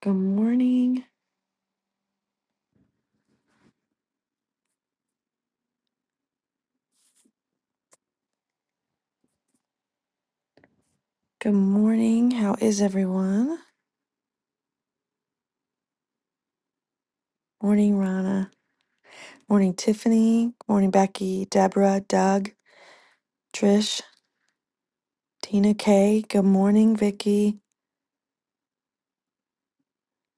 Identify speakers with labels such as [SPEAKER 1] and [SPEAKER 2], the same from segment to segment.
[SPEAKER 1] Good morning. Good morning. How is everyone? Morning, Rana. Morning, Tiffany. Morning, Becky, Deborah, Doug, Trish, Tina K. Good morning, Vicky.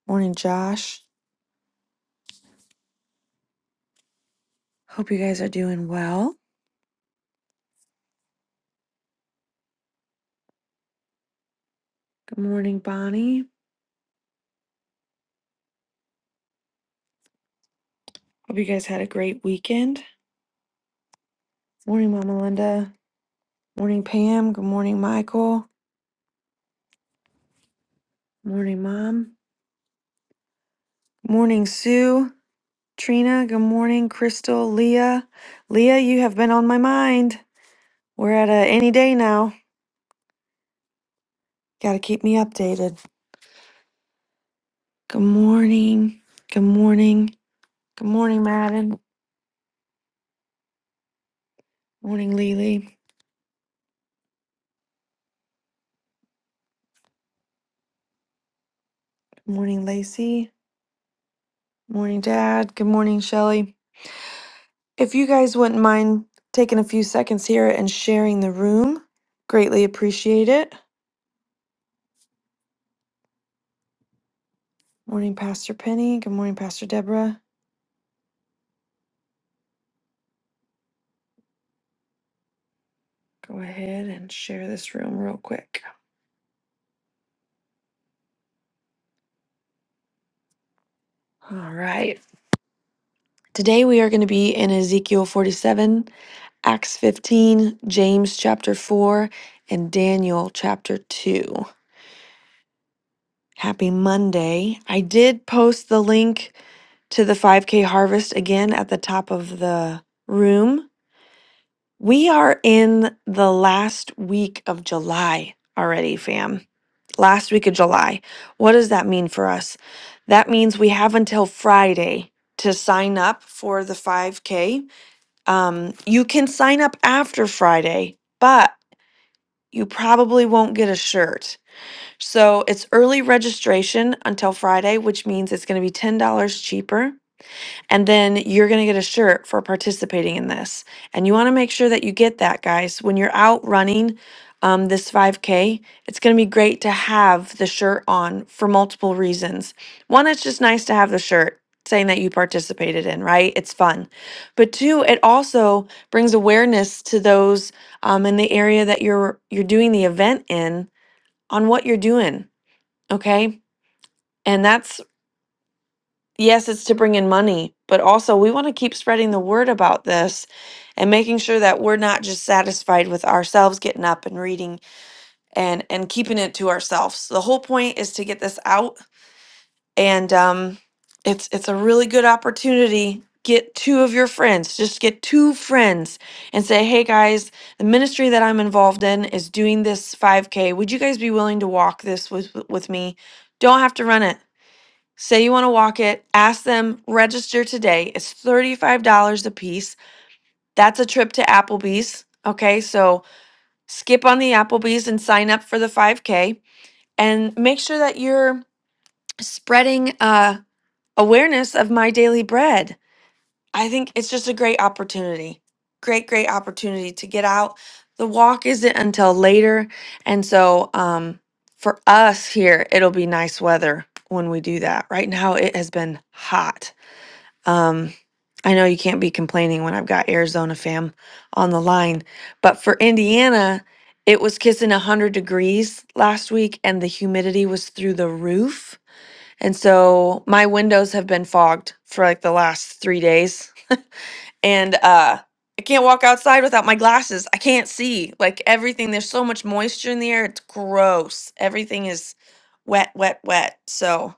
[SPEAKER 1] Morning, Josh. Hope you guys are doing well. Good morning, Bonnie. Hope you guys had a great weekend. Morning, Mama Linda. Morning, Pam. Good morning, Michael. Morning, Mom. Morning, Sue. Trina. Good morning, Crystal, Leah. Leah, you have been on my mind. We're at a any day now. Got to keep me updated. Good morning. Good morning. Good morning, Madden. Morning, Lily. Good morning, Lacey. Morning, Dad. Good morning, Shelly. If you guys wouldn't mind taking a few seconds here and sharing the room, greatly appreciate it. Morning, Pastor Penny. Good morning, Pastor Deborah. Go ahead and share this room real quick. All right. Today we are going to be in Ezekiel 47 Acts 15, James chapter 4, and Daniel chapter 2. Happy Monday. I did post the link to the 5K harvest again at the top of the room. We are in the last week of July already, fam. Last week of July. What does that mean for us? That means we have until Friday to sign up for the 5K. Um, you can sign up after Friday, but you probably won't get a shirt. So it's early registration until Friday, which means it's going to be $10 cheaper. And then you're going to get a shirt for participating in this. And you want to make sure that you get that, guys. When you're out running um, this 5K, it's going to be great to have the shirt on for multiple reasons. One, it's just nice to have the shirt saying that you participated in, right? It's fun. But two, it also brings awareness to those um, in the area that you're you're doing the event in on what you're doing. Okay. And that's yes, it's to bring in money, but also we want to keep spreading the word about this and making sure that we're not just satisfied with ourselves getting up and reading and and keeping it to ourselves. The whole point is to get this out and um it's it's a really good opportunity. Get two of your friends, just get two friends and say, "Hey guys, the ministry that I'm involved in is doing this 5k. Would you guys be willing to walk this with with me? Don't have to run it Say you want to walk it, ask them, register today. It's $35 a piece. That's a trip to Applebee's. Okay, so skip on the Applebee's and sign up for the 5K and make sure that you're spreading uh, awareness of my daily bread. I think it's just a great opportunity. Great, great opportunity to get out. The walk isn't until later. And so um, for us here, it'll be nice weather when we do that. Right now, it has been hot Um, I know you can't be complaining when I've got Arizona fam on the line, but for Indiana, it was kissing 100 degrees last week and the humidity was through the roof. And so my windows have been fogged for like the last three days. And uh, I can't walk outside without my glasses. I can't see. Like everything, there's so much moisture in the air. It's gross. Everything is wet, wet, wet. So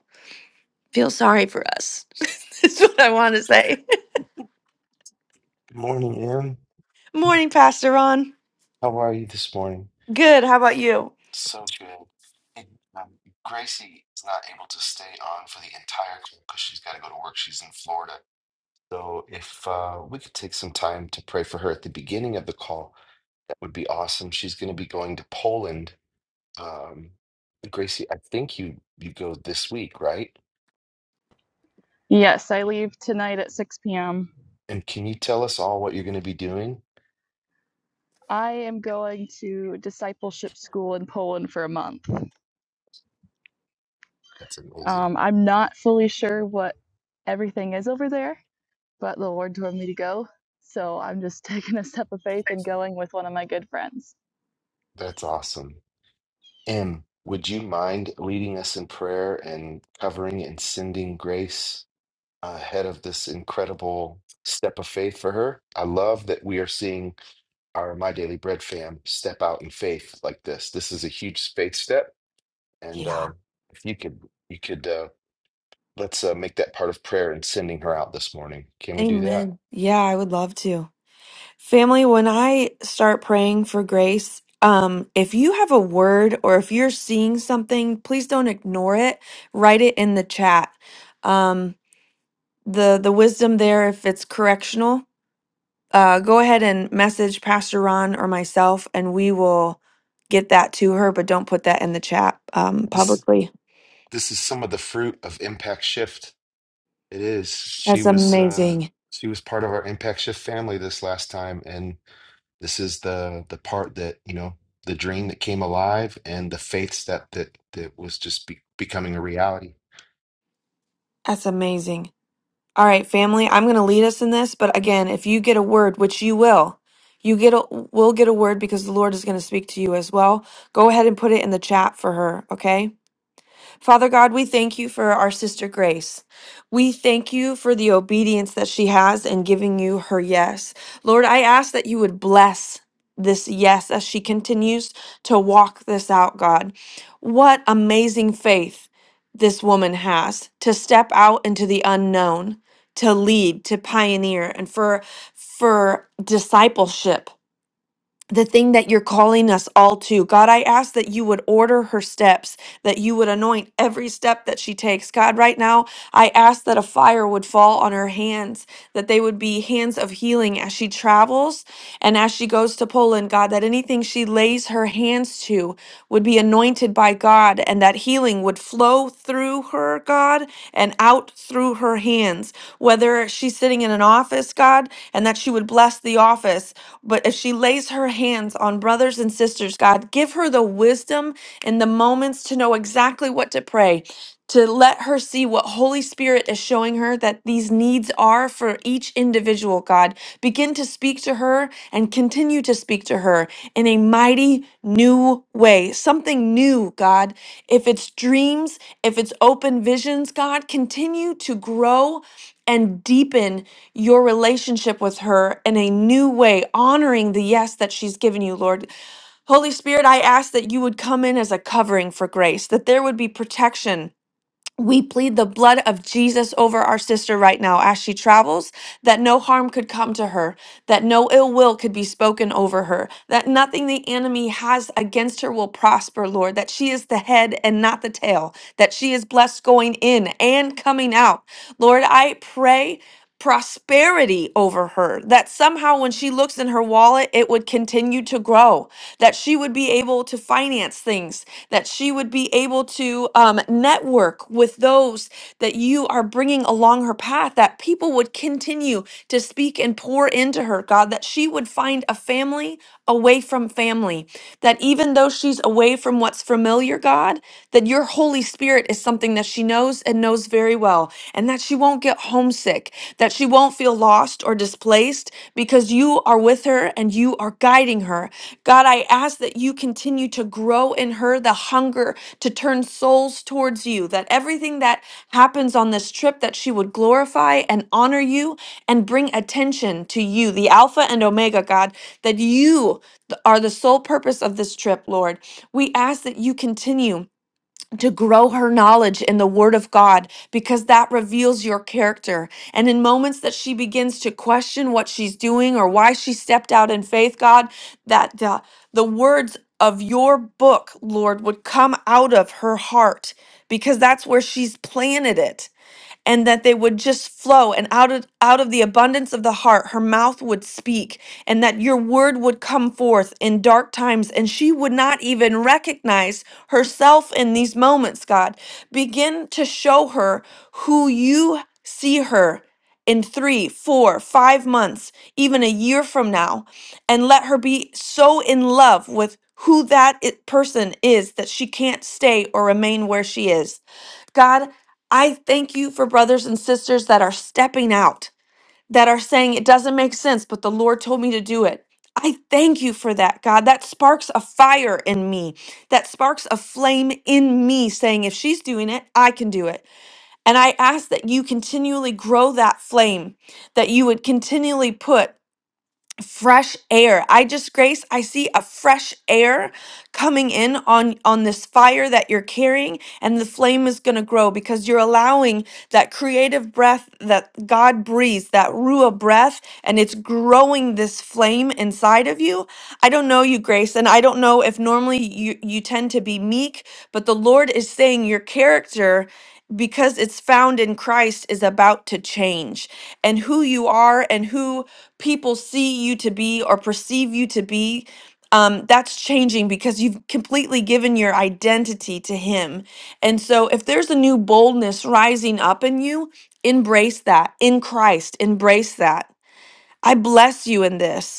[SPEAKER 1] feel sorry for us. That's what I want to say.
[SPEAKER 2] Good morning, Em.
[SPEAKER 1] Morning, Pastor Ron.
[SPEAKER 2] How are you this morning?
[SPEAKER 1] Good. How about you?
[SPEAKER 2] So good. Hey, um, Gracie is not able to stay on for the entire call because she's got to go to work. She's in Florida. So if uh, we could take some time to pray for her at the beginning of the call, that would be awesome. She's going to be going to Poland. Um, Gracie, I think you you go this week, right?
[SPEAKER 3] Yes, I leave tonight at 6 p.m.
[SPEAKER 2] And can you tell us all what you're going to be doing?
[SPEAKER 3] I am going to discipleship school in Poland for a month.
[SPEAKER 2] That's amazing.
[SPEAKER 3] Um, I'm not fully sure what everything is over there, but the Lord told me to go. So I'm just taking a step of faith and going with one of my good friends.
[SPEAKER 2] That's awesome. Em, would you mind leading us in prayer and covering and sending grace ahead of this incredible step of faith for her? I love that we are seeing our My Daily Bread fam step out in faith like this. This is a huge faith step, and
[SPEAKER 1] Yeah.
[SPEAKER 2] um, if you could, you could uh, let's uh, make that part of prayer and sending her out this morning. Can we do that?
[SPEAKER 1] Amen. Yeah, I would love to. Family, when I start praying for grace, um, if you have a word or if you're seeing something, please don't ignore it. Write it in the chat. Um, the the wisdom there, if it's correctional, uh, go ahead and message Pastor Ron or myself, and we will get that to her. But don't put that in the chat um,
[SPEAKER 2] This
[SPEAKER 1] publicly.
[SPEAKER 2] this is some of the fruit of Impact Shift. It is. She
[SPEAKER 1] That's
[SPEAKER 2] was uh,
[SPEAKER 1] amazing.
[SPEAKER 2] she was part of our Impact Shift family this last time, and This is the the part that, you know, the dream that came alive and the faith step that that was just be becoming a reality
[SPEAKER 1] That's amazing. All right, family, I'm going to lead us in this, but again, if you get a word, which you will, you get a, will get a word because the Lord is going to speak to you as well. Go ahead and put it in the chat for her, okay? Father God, we thank you for our sister Grace. We thank you for the obedience that she has in giving you her yes. Lord, I ask that you would bless this yes as she continues to walk this out, God. What amazing faith this woman has to step out into the unknown, to lead, to pioneer, and for for discipleship the thing that you're calling us all to. God, I ask that you would order her steps, that you would anoint every step that she takes. God, right now, I ask that a fire would fall on her hands, that they would be hands of healing as she travels and as she goes to Poland, God, that anything she lays her hands to would be anointed by God and that healing would flow through her, God, and out through her hands. Whether she's sitting in an office, God, and that she would bless the office, but if she lays her hands on brothers and sisters, God, give her the wisdom and the moments to know exactly what to pray to let her see what Holy Spirit is showing her that these needs are for each individual, God. Begin to speak to her and continue to speak to her in a mighty new way, something new, God. If it's dreams, if it's open visions, God, continue to grow and deepen your relationship with her in a new way, honoring the yes that she's given you, Lord. Holy Spirit, I ask that you would come in as a covering for grace, that there would be protection we plead the blood of Jesus over our sister right now as she travels, that no harm could come to her, that no ill will could be spoken over her, that nothing the enemy has against her will prosper, Lord, that she is the head and not the tail, that she is blessed going in and coming out. Lord, I pray prosperity over her, that somehow when she looks in her wallet, it would continue to grow, that she would be able to finance things, that she would be able to um, network with those that you are bringing along her path, that people would continue to speak and pour into her, God, that she would find a family away from family. That even though she's away from what's familiar, God, that your Holy Spirit is something that she knows and knows very well, and that she won't get homesick, that she won't feel lost or displaced because you are with her and you are guiding her. God, I ask that you continue to grow in her the hunger to turn souls towards you, that everything that happens on this trip that she would glorify and honor you and bring attention to you, the Alpha and Omega God that you are the sole purpose of this trip, Lord. We ask that you continue. To grow her knowledge in the Word of God, because that reveals your character. And in moments that she begins to question what she's doing or why she stepped out in faith, God, that the, the words of your book, Lord, would come out of her heart, because that's where she's planted it and that they would just flow and out of out of the abundance of the heart her mouth would speak and that your word would come forth in dark times and she would not even recognize herself in these moments god begin to show her who you see her in three, four, five months, even a year from now, and let her be so in love with who that i- person is that she can't stay or remain where she is. God, I thank you for brothers and sisters that are stepping out, that are saying it doesn't make sense, but the Lord told me to do it. I thank you for that, God. That sparks a fire in me. That sparks a flame in me saying, if she's doing it, I can do it. And I ask that you continually grow that flame, that you would continually put fresh air. I just grace, I see a fresh air coming in on on this fire that you're carrying and the flame is going to grow because you're allowing that creative breath that God breathes, that ruah breath and it's growing this flame inside of you. I don't know you Grace and I don't know if normally you you tend to be meek, but the Lord is saying your character because it's found in Christ is about to change and who you are and who people see you to be or perceive you to be, um, that's changing because you've completely given your identity to Him. And so, if there's a new boldness rising up in you, embrace that in Christ, embrace that. I bless you in this.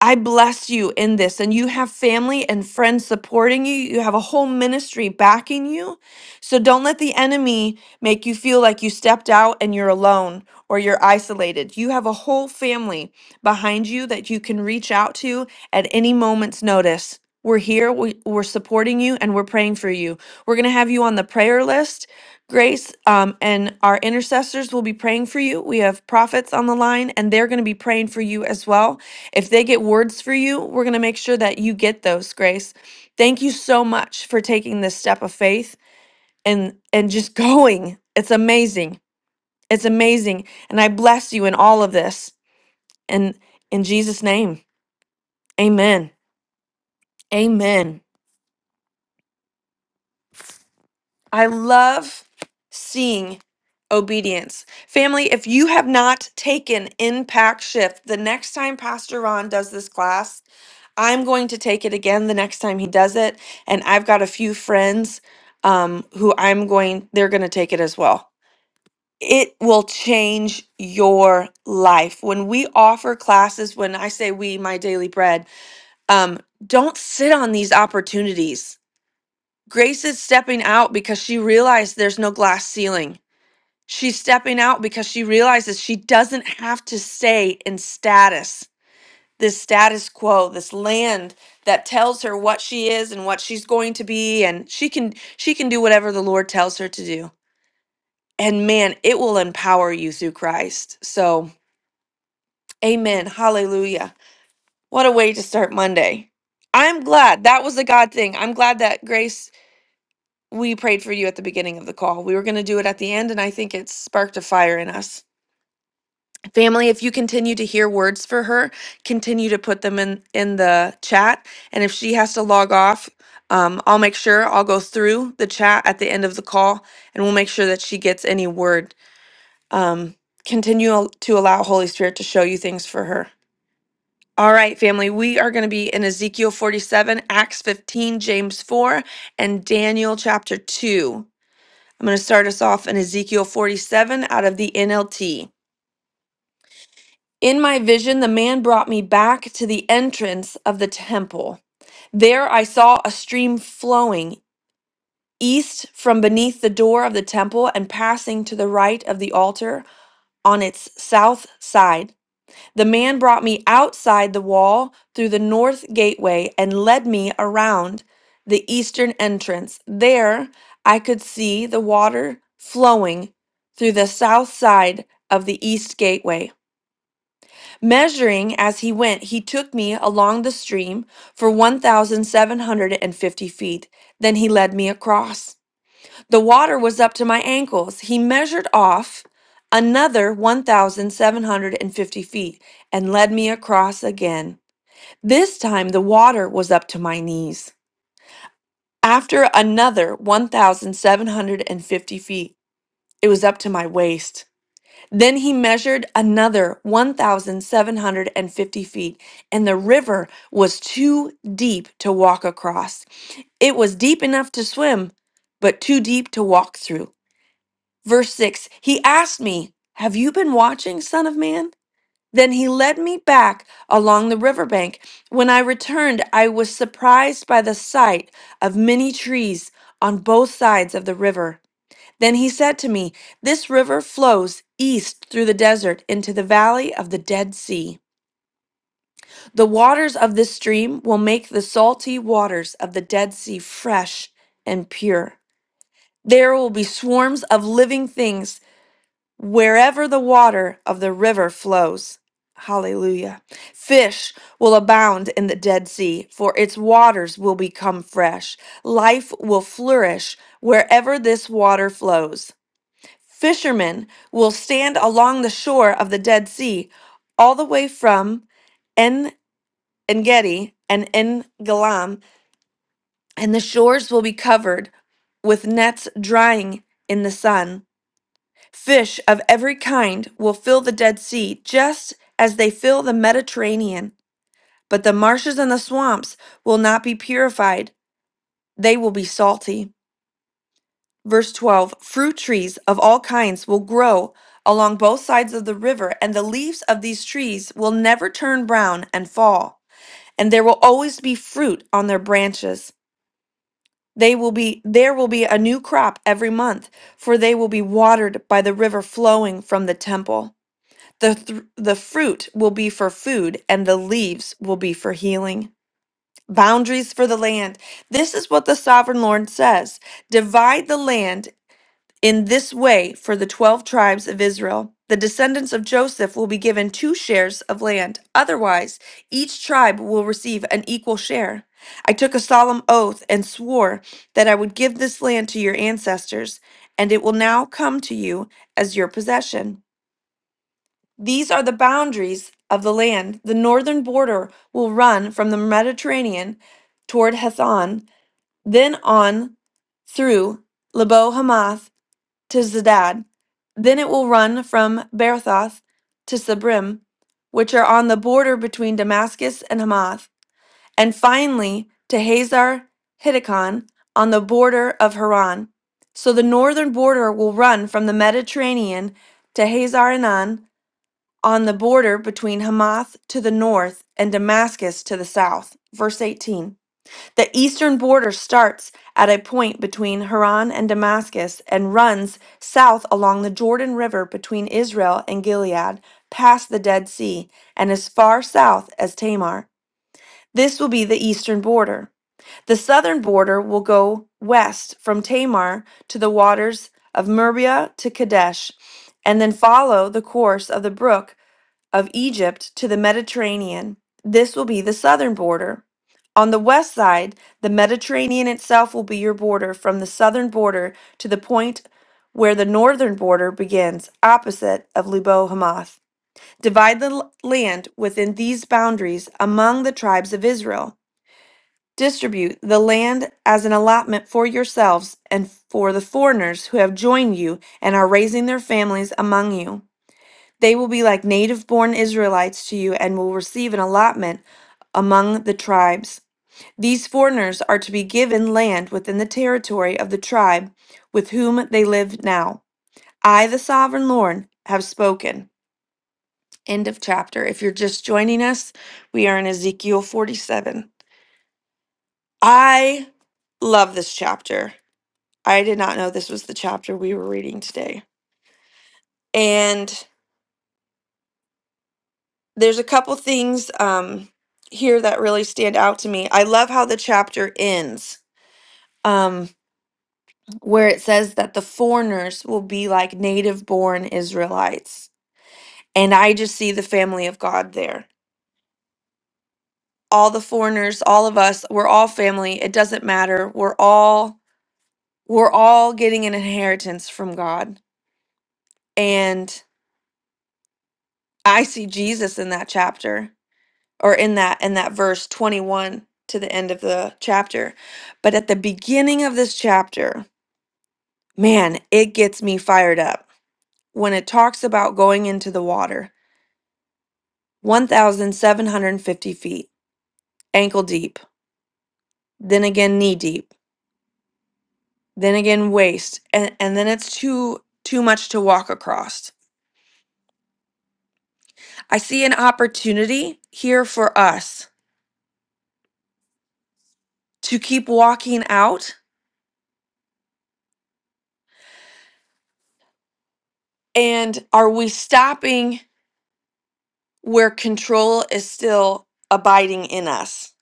[SPEAKER 1] I bless you in this, and you have family and friends supporting you. You have a whole ministry backing you. So don't let the enemy make you feel like you stepped out and you're alone or you're isolated. You have a whole family behind you that you can reach out to at any moment's notice. We're here, we, we're supporting you, and we're praying for you. We're going to have you on the prayer list, Grace, um, and our intercessors will be praying for you. We have prophets on the line, and they're going to be praying for you as well. If they get words for you, we're going to make sure that you get those, Grace. Thank you so much for taking this step of faith and and just going. It's amazing. It's amazing. And I bless you in all of this. And in Jesus name. Amen. Amen. I love seeing obedience. Family, if you have not taken impact shift, the next time Pastor Ron does this class, I'm going to take it again the next time he does it. And I've got a few friends um, who I'm going, they're going to take it as well. It will change your life. When we offer classes, when I say we, my daily bread, um, don't sit on these opportunities. Grace is stepping out because she realized there's no glass ceiling. She's stepping out because she realizes she doesn't have to stay in status this status quo this land that tells her what she is and what she's going to be and she can she can do whatever the lord tells her to do and man it will empower you through christ so amen hallelujah what a way to start monday i'm glad that was a god thing i'm glad that grace we prayed for you at the beginning of the call we were going to do it at the end and i think it sparked a fire in us Family, if you continue to hear words for her, continue to put them in in the chat. And if she has to log off, um, I'll make sure I'll go through the chat at the end of the call, and we'll make sure that she gets any word. Um, continue al- to allow Holy Spirit to show you things for her. All right, family, we are going to be in Ezekiel 47, Acts 15, James 4, and Daniel chapter 2. I'm going to start us off in Ezekiel 47 out of the NLT. In my vision, the man brought me back to the entrance of the temple. There I saw a stream flowing east from beneath the door of the temple and passing to the right of the altar on its south side. The man brought me outside the wall through the north gateway and led me around the eastern entrance. There I could see the water flowing through the south side of the east gateway. Measuring as he went, he took me along the stream for 1,750 feet. Then he led me across. The water was up to my ankles. He measured off another 1,750 feet and led me across again. This time the water was up to my knees. After another 1,750 feet, it was up to my waist. Then he measured another 1,750 feet, and the river was too deep to walk across. It was deep enough to swim, but too deep to walk through. Verse 6 He asked me, Have you been watching, Son of Man? Then he led me back along the riverbank. When I returned, I was surprised by the sight of many trees on both sides of the river. Then he said to me, This river flows east through the desert into the valley of the Dead Sea. The waters of this stream will make the salty waters of the Dead Sea fresh and pure. There will be swarms of living things wherever the water of the river flows. Hallelujah. Fish will abound in the Dead Sea, for its waters will become fresh. Life will flourish wherever this water flows. Fishermen will stand along the shore of the Dead Sea, all the way from En Engedi and En Galam, and the shores will be covered with nets drying in the sun. Fish of every kind will fill the Dead Sea, just as they fill the Mediterranean. But the marshes and the swamps will not be purified; they will be salty. Verse 12 Fruit trees of all kinds will grow along both sides of the river, and the leaves of these trees will never turn brown and fall, and there will always be fruit on their branches. They will be there will be a new crop every month, for they will be watered by the river flowing from the temple. The thr the fruit will be for food, and the leaves will be for healing. Boundaries for the land. This is what the sovereign Lord says. Divide the land in this way, for the 12 tribes of Israel, the descendants of Joseph will be given two shares of land. Otherwise, each tribe will receive an equal share. I took a solemn oath and swore that I would give this land to your ancestors, and it will now come to you as your possession. These are the boundaries of the land. The northern border will run from the Mediterranean toward Hethon, then on through Lebo Hamath to Zedad. Then it will run from Berthoth to Sabrim, which are on the border between Damascus and Hamath, and finally to Hazar Hittikon on the border of Haran. So the northern border will run from the Mediterranean to Hazar Enan on the border between Hamath to the north and Damascus to the south. Verse 18. The eastern border starts at a point between Haran and Damascus and runs south along the Jordan River between Israel and Gilead, past the Dead Sea, and as far south as Tamar. This will be the eastern border. The southern border will go west from Tamar to the waters of Merbia to Kadesh, and then follow the course of the brook of Egypt to the Mediterranean. This will be the southern border. On the west side, the Mediterranean itself will be your border from the southern border to the point where the northern border begins, opposite of Lubo Hamath. Divide the l- land within these boundaries among the tribes of Israel. Distribute the land as an allotment for yourselves and for the foreigners who have joined you and are raising their families among you. They will be like native born Israelites to you and will receive an allotment among the tribes. These foreigners are to be given land within the territory of the tribe with whom they live now. I, the sovereign Lord, have spoken. End of chapter. If you're just joining us, we are in Ezekiel 47. I love this chapter. I did not know this was the chapter we were reading today. And there's a couple things um here that really stand out to me. I love how the chapter ends. Um where it says that the foreigners will be like native born Israelites. And I just see the family of God there. All the foreigners, all of us, we're all family. It doesn't matter. We're all we're all getting an inheritance from God. And I see Jesus in that chapter. or in that in that verse 21 to the end of the chapter but at the beginning of this chapter man it gets me fired up when it talks about going into the water 1750 feet ankle deep then again knee deep then again waist and, and then it's too too much to walk across i see an opportunity here for us to keep walking out and are we stopping where control is still abiding in us.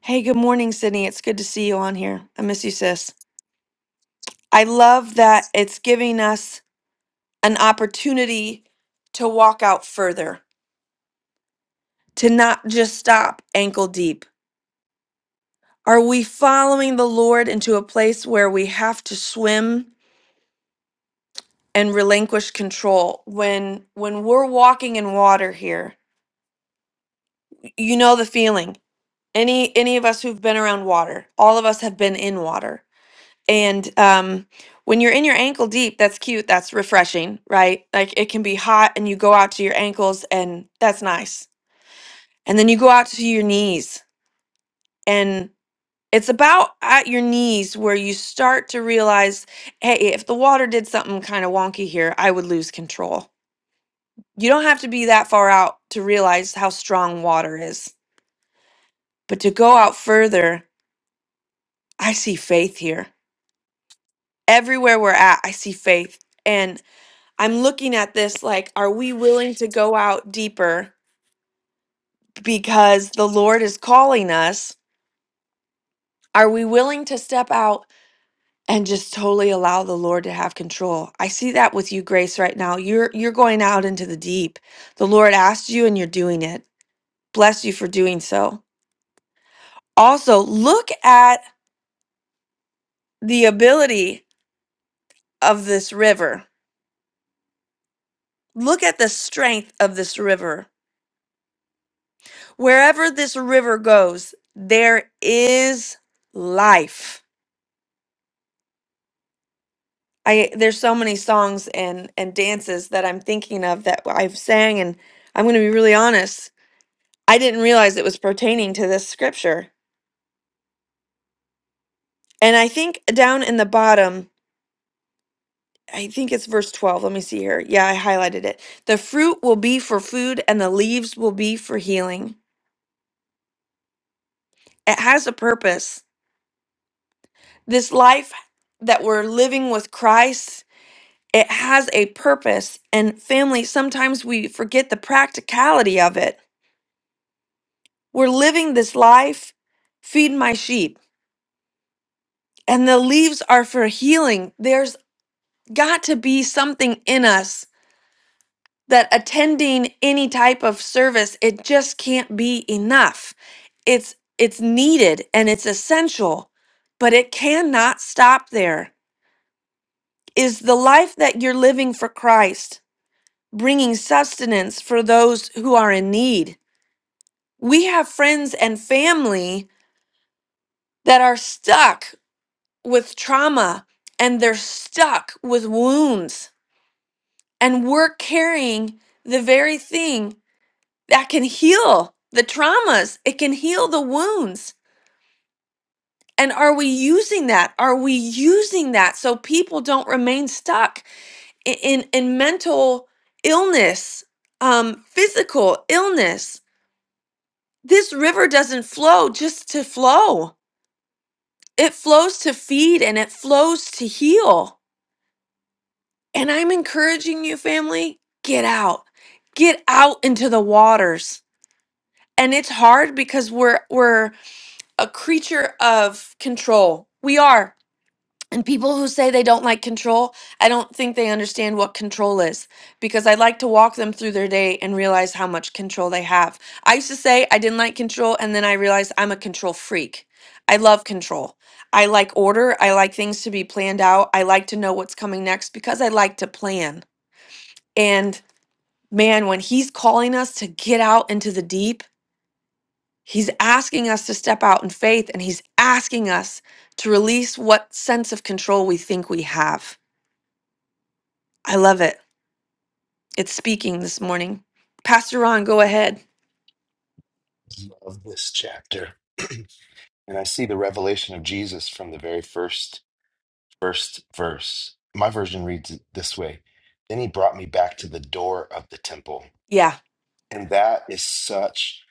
[SPEAKER 1] Hey, good morning, Sydney. It's good to see you on here. I miss you, sis. I love that it's giving us an opportunity to walk out further, to not just stop ankle deep. Are we following the Lord into a place where we have to swim and relinquish control? When when we're walking in water here, you know the feeling. Any any of us who've been around water, all of us have been in water And um, when you're in your ankle deep, that's cute. That's refreshing, right? Like it can be hot and you go out to your ankles and that's nice. And then you go out to your knees and it's about at your knees where you start to realize hey, if the water did something kind of wonky here, I would lose control. You don't have to be that far out to realize how strong water is. But to go out further, I see faith here. Everywhere we're at, I see faith. and. I'm looking at this like, are we willing to go out deeper because the Lord is calling us? Are we willing to step out and just totally allow the Lord to have control? I see that with you, Grace, right now. You're you're going out into the deep. The Lord asked you and you're doing it. Bless you for doing so. Also, look at the ability of this river. Look at the strength of this river. Wherever this river goes, there is life I there's so many songs and and dances that I'm thinking of that I've sang and I'm going to be really honest, I didn't realize it was pertaining to this scripture. And I think down in the bottom, I think it's verse 12. Let me see here. Yeah, I highlighted it. The fruit will be for food and the leaves will be for healing. It has a purpose. This life that we're living with Christ, it has a purpose. And family, sometimes we forget the practicality of it We're living this life, feed my sheep. And the leaves are for healing. There's got to be something in us that attending any type of service, it just can't be enough. It's it's needed and it's essential, but it cannot stop there. Is the life that you're living for Christ bringing sustenance for those who are in need? We have friends and family that are stuck with trauma and they're stuck with wounds. And we're carrying the very thing that can heal the traumas, it can heal the wounds. And are we using that? Are we using that so people don't remain stuck i- in, in mental illness, um, physical illness? This river doesn't flow just to flow. It flows to feed and it flows to heal. And I'm encouraging you, family, get out. Get out into the waters. And it's hard because we're we're a creature of control. We are. And people who say they don't like control, I don't think they understand what control is because I like to walk them through their day and realize how much control they have. I used to say I didn't like control and then I realized I'm a control freak. I love control. I like order. I like things to be planned out. I like to know what's coming next because I like to plan. And man, when he's calling us to get out into the deep, he's asking us to step out in faith and he's asking us to release what sense of control we think we have. I love it. It's speaking this morning. Pastor Ron, go ahead.
[SPEAKER 2] of this chapter. And I see the revelation of Jesus from the very first first verse. My version reads it this way. Then he brought me back to the door of the temple.
[SPEAKER 1] Yeah.
[SPEAKER 2] And that is such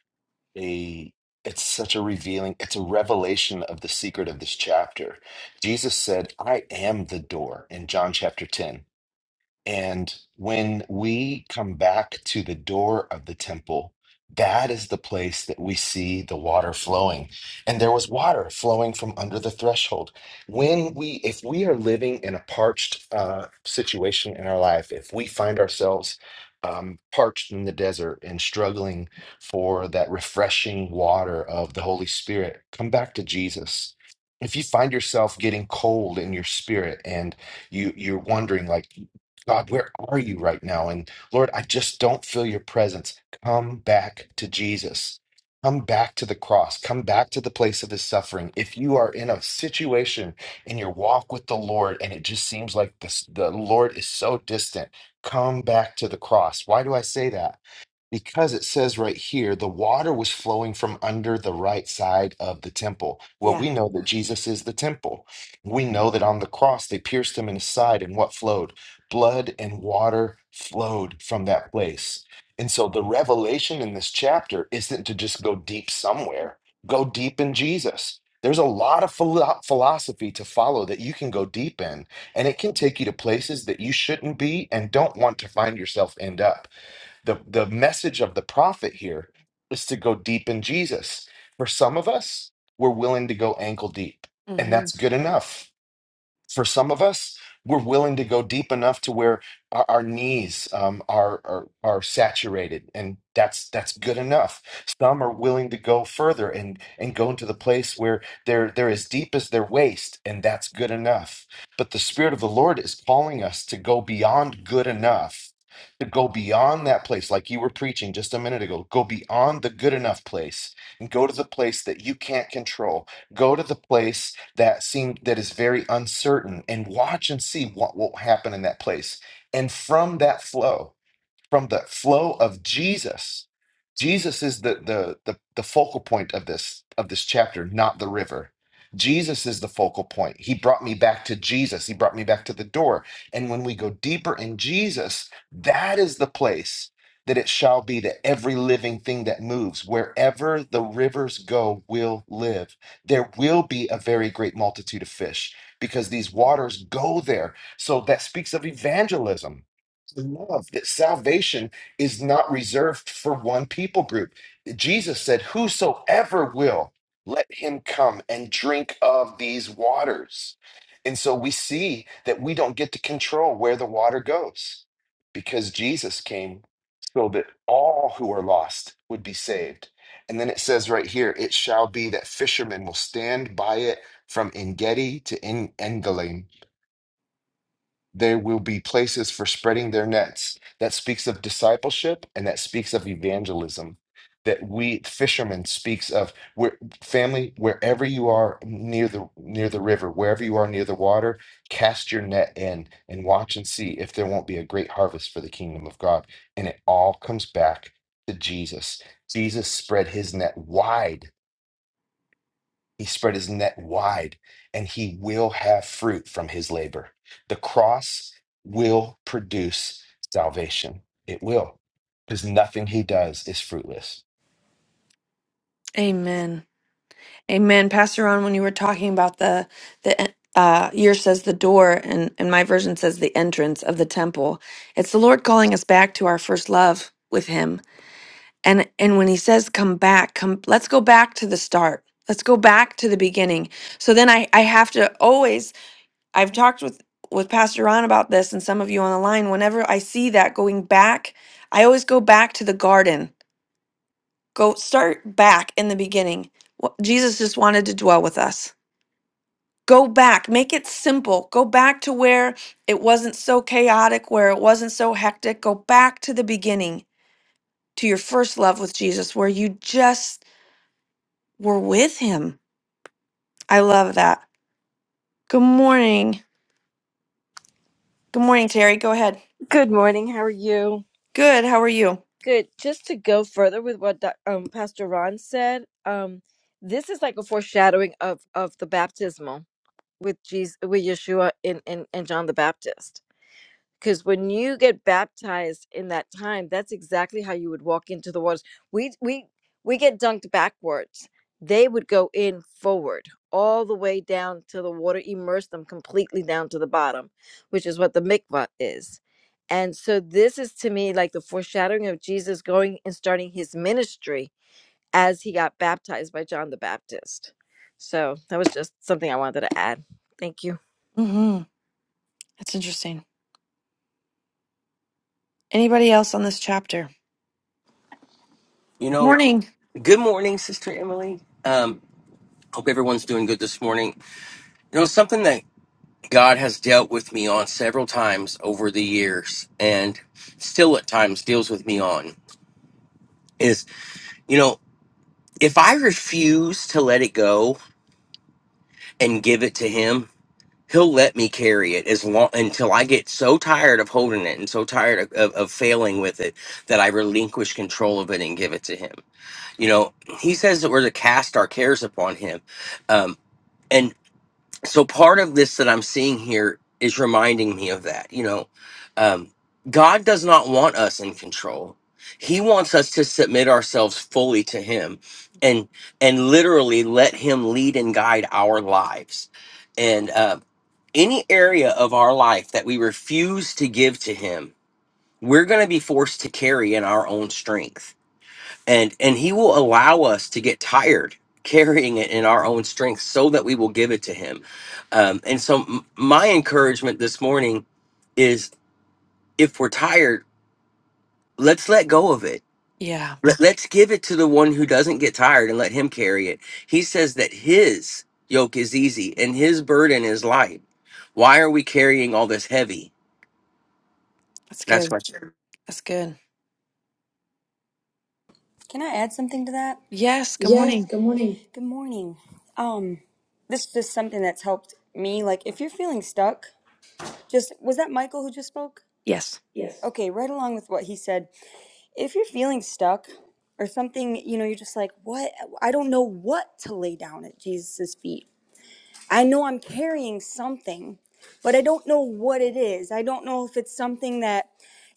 [SPEAKER 2] a it's such a revealing, it's a revelation of the secret of this chapter. Jesus said, I am the door in John chapter 10. And when we come back to the door of the temple, that is the place that we see the water flowing. And there was water flowing from under the threshold. When we, if we are living in a parched uh, situation in our life, if we find ourselves um, parched in the desert and struggling for that refreshing water of the Holy Spirit, come back to Jesus. If you find yourself getting cold in your spirit and you you're wondering like God, where are you right now? And Lord, I just don't feel your presence. Come back to Jesus. Come back to the cross. Come back to the place of his suffering. If you are in a situation in your walk with the Lord and it just seems like the, the Lord is so distant, come back to the cross. Why do I say that? Because it says right here, the water was flowing from under the right side of the temple. Well,
[SPEAKER 1] Yeah.
[SPEAKER 2] we know that Jesus is the temple. We know that on the cross they pierced him in his side, and what flowed? Blood and water flowed from that place. And so the revelation in this chapter isn't to just go deep somewhere, go deep in Jesus. There's a lot of philo- philosophy to follow that you can go deep in, and it can take you to places that you shouldn't be and don't want to find yourself end up the the message of the prophet here is to go deep in Jesus. For some of us, we're willing to go ankle deep, and
[SPEAKER 1] hmm
[SPEAKER 2] that's good enough for some of us, we're willing to go deep enough to where our, our knees um, are, are are saturated, and that's that's good enough. Some are willing to go further and and go into the place where they're they're as deep as their waist, and that's good enough. But the Spirit of the Lord is calling us to go beyond good enough. To go beyond that place, like you were preaching just a minute ago, go beyond the good enough place and go to the place that you can't control. Go to the place that seem that is very uncertain and watch and see what will happen in that place and from that flow from the flow of Jesus. Jesus is the, the the the focal point of this of this chapter, not the river. Jesus is the focal point. He brought me back to Jesus. He brought me back to the door. And when we go deeper in Jesus, that is the place that it shall be that every living thing that moves, wherever the rivers go, will live. There will be a very great multitude of fish because these waters go there. So that speaks of evangelism to love that salvation is not reserved for one people group. Jesus said, Whosoever will, let him come and drink of these waters. And so we see that we don't get to control where the water goes because Jesus came so that all who are lost would be saved. And then it says right here, it shall be that fishermen will stand by it from Engedi to En- Engelim there will be places for spreading their nets. That speaks of discipleship and that speaks of evangelism. That we fishermen speaks of where family, wherever you are near the near the river, wherever you are near the water, cast your net in and watch and see if there won't be a great harvest for the kingdom of God. And it all comes back to Jesus. Jesus spread his net wide he spread his net wide, and he will have fruit from his labor. The cross will produce salvation. It will, because nothing he does is fruitless.
[SPEAKER 1] Amen. Amen. Pastor Ron, when you were talking about the, the, en- uh, your says the door, and, and my version says the entrance of the temple. It's the Lord calling us back to our first love with Him and and when he says come back come let's go back to the start let's go back to the beginning so then i i have to always i've talked with with pastor ron about this and some of you on the line whenever i see that going back i always go back to the garden go start back in the beginning Wh- jesus just wanted to dwell with us go back make it simple go back to where it wasn't so chaotic where it wasn't so hectic go back to the beginning to your first love with jesus where you just were with him. I love that. Good morning. Good morning, Terry. Go ahead.
[SPEAKER 4] Good morning. How are you?
[SPEAKER 1] Good. How are you?
[SPEAKER 4] Good. Just to go further with what Doc- um, Pastor Ron said, um, this is like a foreshadowing of of the baptismal with Jesus, with Yeshua and, and, and John the Baptist because when you get baptized in that time that's exactly how you would walk into the waters we we we get dunked backwards they would go in forward all the way down to the water immerse them completely down to the bottom which is what the mikvah is and so this is to me like the foreshadowing of jesus going and starting his ministry as he got baptized by john the baptist so that was just something i wanted to add thank you
[SPEAKER 1] Mm-hmm. That's interesting. Anybody else on this chapter?
[SPEAKER 5] You know,
[SPEAKER 1] Morning.
[SPEAKER 5] good morning, Sister Emily. Um, hope everyone's doing good this morning. You know, something that God has dealt with me on several times over the years and still at times deals with me on is, you know, if I refuse to let it go and give it to Him, He'll let me carry it as long until I get so tired of holding it and so tired of, of, of failing with it that I relinquish control of it and give it to Him. You know, He says that we're to cast our cares upon Him. Um, and so part of this that I'm seeing here is reminding me of that. You know, um, God does not want us in control. He wants us to submit ourselves fully to Him, and and literally let Him lead and guide our lives. And uh, any area of our life that we refuse to give to Him, we're going to be forced to carry in our own strength and and he will allow us to get tired carrying it in our own strength so that we will give it to him um, and so m- my encouragement this morning is if we're tired let's let go of it
[SPEAKER 1] Yeah,
[SPEAKER 5] let, let's give it to the one who doesn't get tired and let him carry it he says that his yoke is easy and his burden is light why are we carrying all this heavy
[SPEAKER 1] that's
[SPEAKER 5] that's
[SPEAKER 1] good.
[SPEAKER 5] my share.
[SPEAKER 1] That's good.
[SPEAKER 6] Can I add something to that?
[SPEAKER 1] Yes. Good
[SPEAKER 6] Yes,
[SPEAKER 1] morning.
[SPEAKER 6] good morning. Good morning. Um, this is just something that's helped me. Like, if you're feeling stuck, just was that Michael who just spoke?
[SPEAKER 1] Yes.
[SPEAKER 6] Yes. Okay, right along with what he said. If you're feeling stuck or something, you know, you're just like, what? I don't know what to lay down at Jesus' feet. I know I'm carrying something, but I don't know what it is. I don't know if it's something that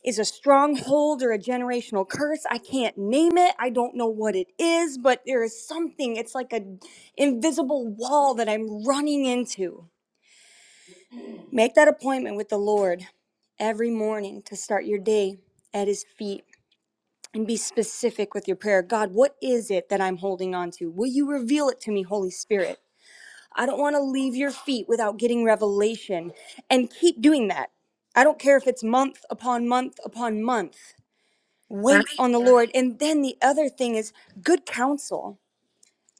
[SPEAKER 6] is a stronghold or a generational curse. I can't name it. I don't know what it is, but there is something. It's like an invisible wall that I'm running into. Make that appointment with the Lord every morning to start your day at his feet and be specific with your prayer. God, what is it that I'm holding on to? Will you reveal it to me, Holy Spirit? I don't want to leave your feet without getting revelation and keep doing that. I don't care if it's month upon month upon month.
[SPEAKER 1] Hi.
[SPEAKER 6] Wait on the Lord. And then the other thing is good counsel.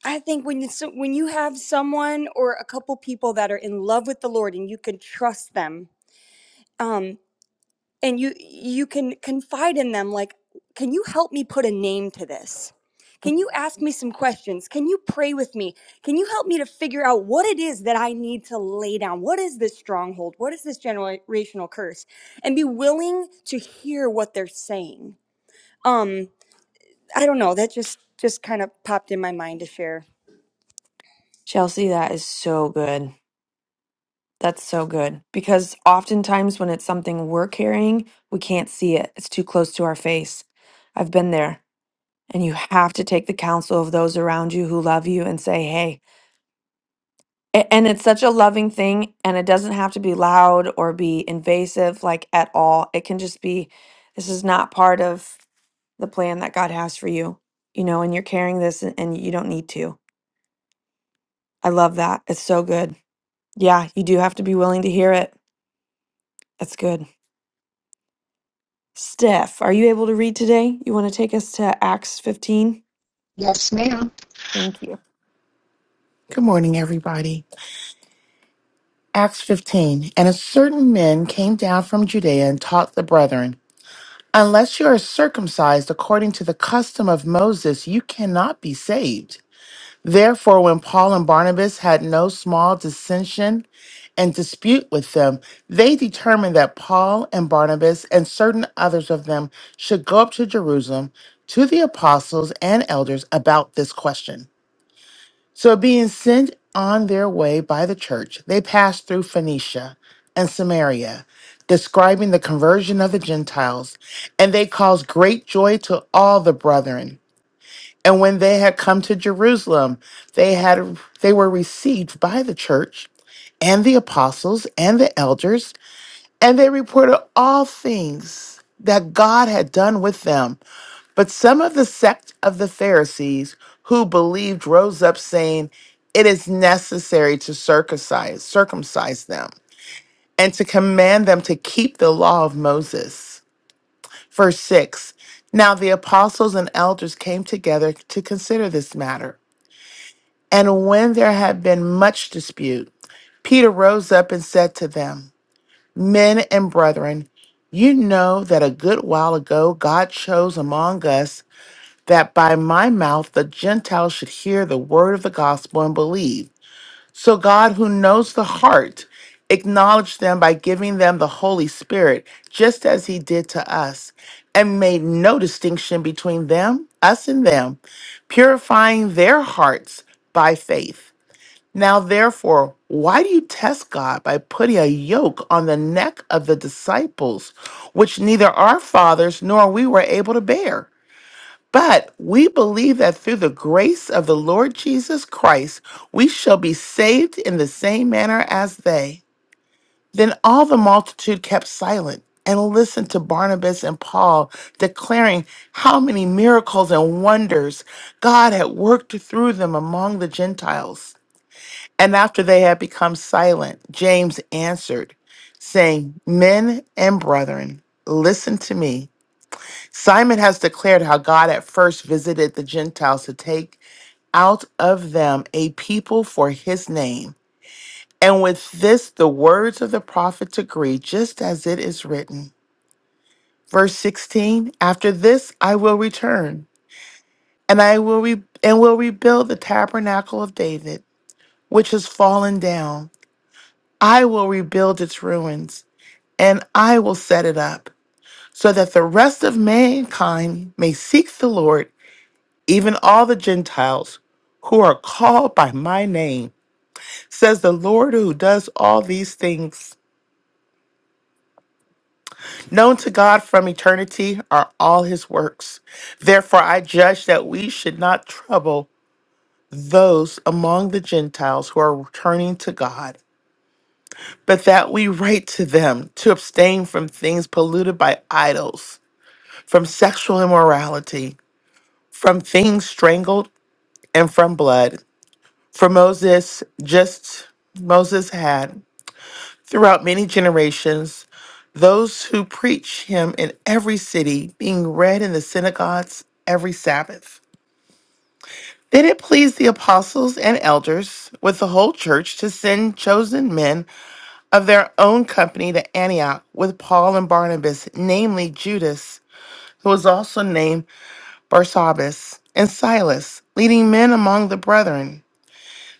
[SPEAKER 6] I think when you so- when you have someone or a couple people that are in love with the Lord and you can trust them. um, and you you can confide in them like can you help me put a name to this can you ask me some questions can you pray with me can you help me to figure out what it is that i need to lay down what is this stronghold what is this generational curse and be willing to hear what they're saying um i don't know that just just kind of popped in my mind to share
[SPEAKER 1] Chelsea, that is so good. That's so good because oftentimes when it's something we're carrying, we can't see it. It's too close to our face. I've been there. And you have to take the counsel of those around you who love you and say, hey. A- And it's such a loving thing. And it doesn't have to be loud or be invasive, like at all. It can just be, this is not part of the plan that God has for you, you know, and you're carrying this and, and you don't need to. I love that. It's so good. Yeah, you do have to be willing to hear it. That's good. Steph, are you able to read today? You want to take us to Acts 15?
[SPEAKER 7] Yes, ma'am.
[SPEAKER 1] Thank you.
[SPEAKER 7] Good morning, everybody. Acts 15. And a certain men came down from Judea and taught the brethren, Unless you are circumcised according to the custom of Moses, you cannot be saved. Therefore, when Paul and Barnabas had no small dissension and dispute with them, they determined that Paul and Barnabas and certain others of them should go up to Jerusalem to the apostles and elders about this question. So, being sent on their way by the church, they passed through Phoenicia and Samaria, describing the conversion of the Gentiles, and they caused great joy to all the brethren. And when they had come to Jerusalem, they had they were received by the church and the apostles and the elders, and they reported all things that God had done with them but some of the sect of the Pharisees who believed rose up, saying, It is necessary to circumcise, circumcise them and to command them to keep the law of Moses. Verse 6 Now the apostles and elders came together to consider this matter. And when there had been much dispute, Peter rose up and said to them, Men and brethren, you know that a good while ago God chose among us that by my mouth the Gentiles should hear the word of the gospel and believe. So God, who knows the heart, acknowledged them by giving them the Holy Spirit, just as he did to us, and made no distinction between them, us, and them, purifying their hearts by faith. Now, therefore, why do you test God by putting a yoke on the neck of the disciples, which neither our fathers nor we were able to bear? But we believe that through the grace of the Lord Jesus Christ, we shall be saved in the same manner as they. Then all the multitude kept silent and listened to Barnabas and Paul declaring how many miracles and wonders God had worked through them among the Gentiles. And after they had become silent, James answered, saying, Men and brethren, listen to me. Simon has declared how God at first visited the Gentiles to take out of them a people for his name. And with this, the words of the prophets agree, just as it is written. Verse 16 After this, I will return, and I will, re- and will rebuild the tabernacle of David, which has fallen down. I will rebuild its ruins, and I will set it up, so that the rest of mankind may seek the Lord even all the Gentiles who are called by my name, says the Lord who does all these things. Known to God from eternity are all his works. Therefore, I judge that we should not trouble those among the Gentiles who are returning to God, but that we write to them to abstain from things polluted by idols, from sexual immorality, from things strangled, and from blood. For Moses, just Moses had. throughout many generations, those who preach him in every city, being read in the synagogues every Sabbath. Then it pleased the apostles and elders with the whole church to send chosen men of their own company to Antioch with Paul and Barnabas, namely Judas, who was also named Barsabbas, and Silas, leading men among the brethren.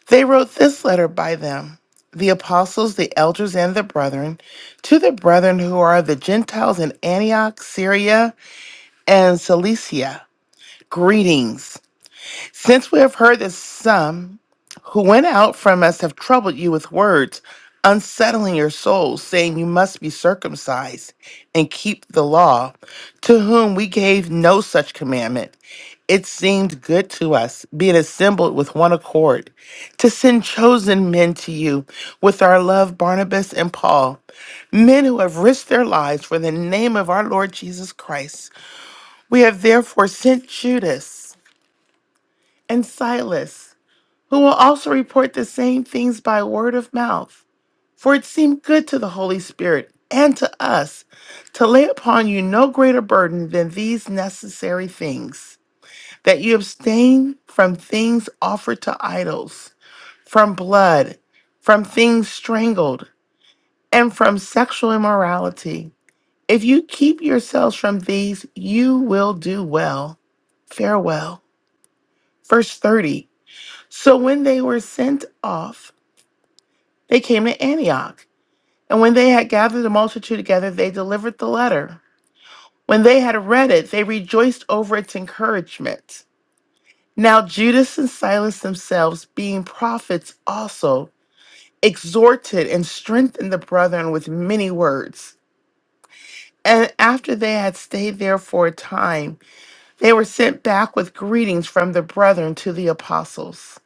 [SPEAKER 7] They wrote this letter by them, the apostles, the elders, and the brethren, to the brethren who are the Gentiles in Antioch, Syria, and Cilicia. Greetings. Since we have heard that some who went out from us have troubled you with words, unsettling your souls, saying you must be circumcised and keep the law, to whom we gave no such commandment, it seemed good to us, being assembled with one accord, to send chosen men to you with our love, Barnabas and Paul, men who have risked their lives for the name of our Lord Jesus Christ. We have therefore sent Judas and Silas who will also report the same things by word of mouth. For it seemed good to the Holy Spirit and to us to lay upon you no greater burden than these necessary things that you abstain from things offered to idols, from blood, from things strangled, and from sexual immorality. If you keep yourselves from these, you will do well. Farewell. Verse 30. So when they were sent off, They came to Antioch, and when they had gathered the multitude together, they delivered the letter. When they had read it, they rejoiced over its encouragement. Now Judas and Silas themselves, being prophets also, exhorted and strengthened the brethren with many words. And after they had stayed there for a time, they were sent back with greetings from the brethren to the apostles.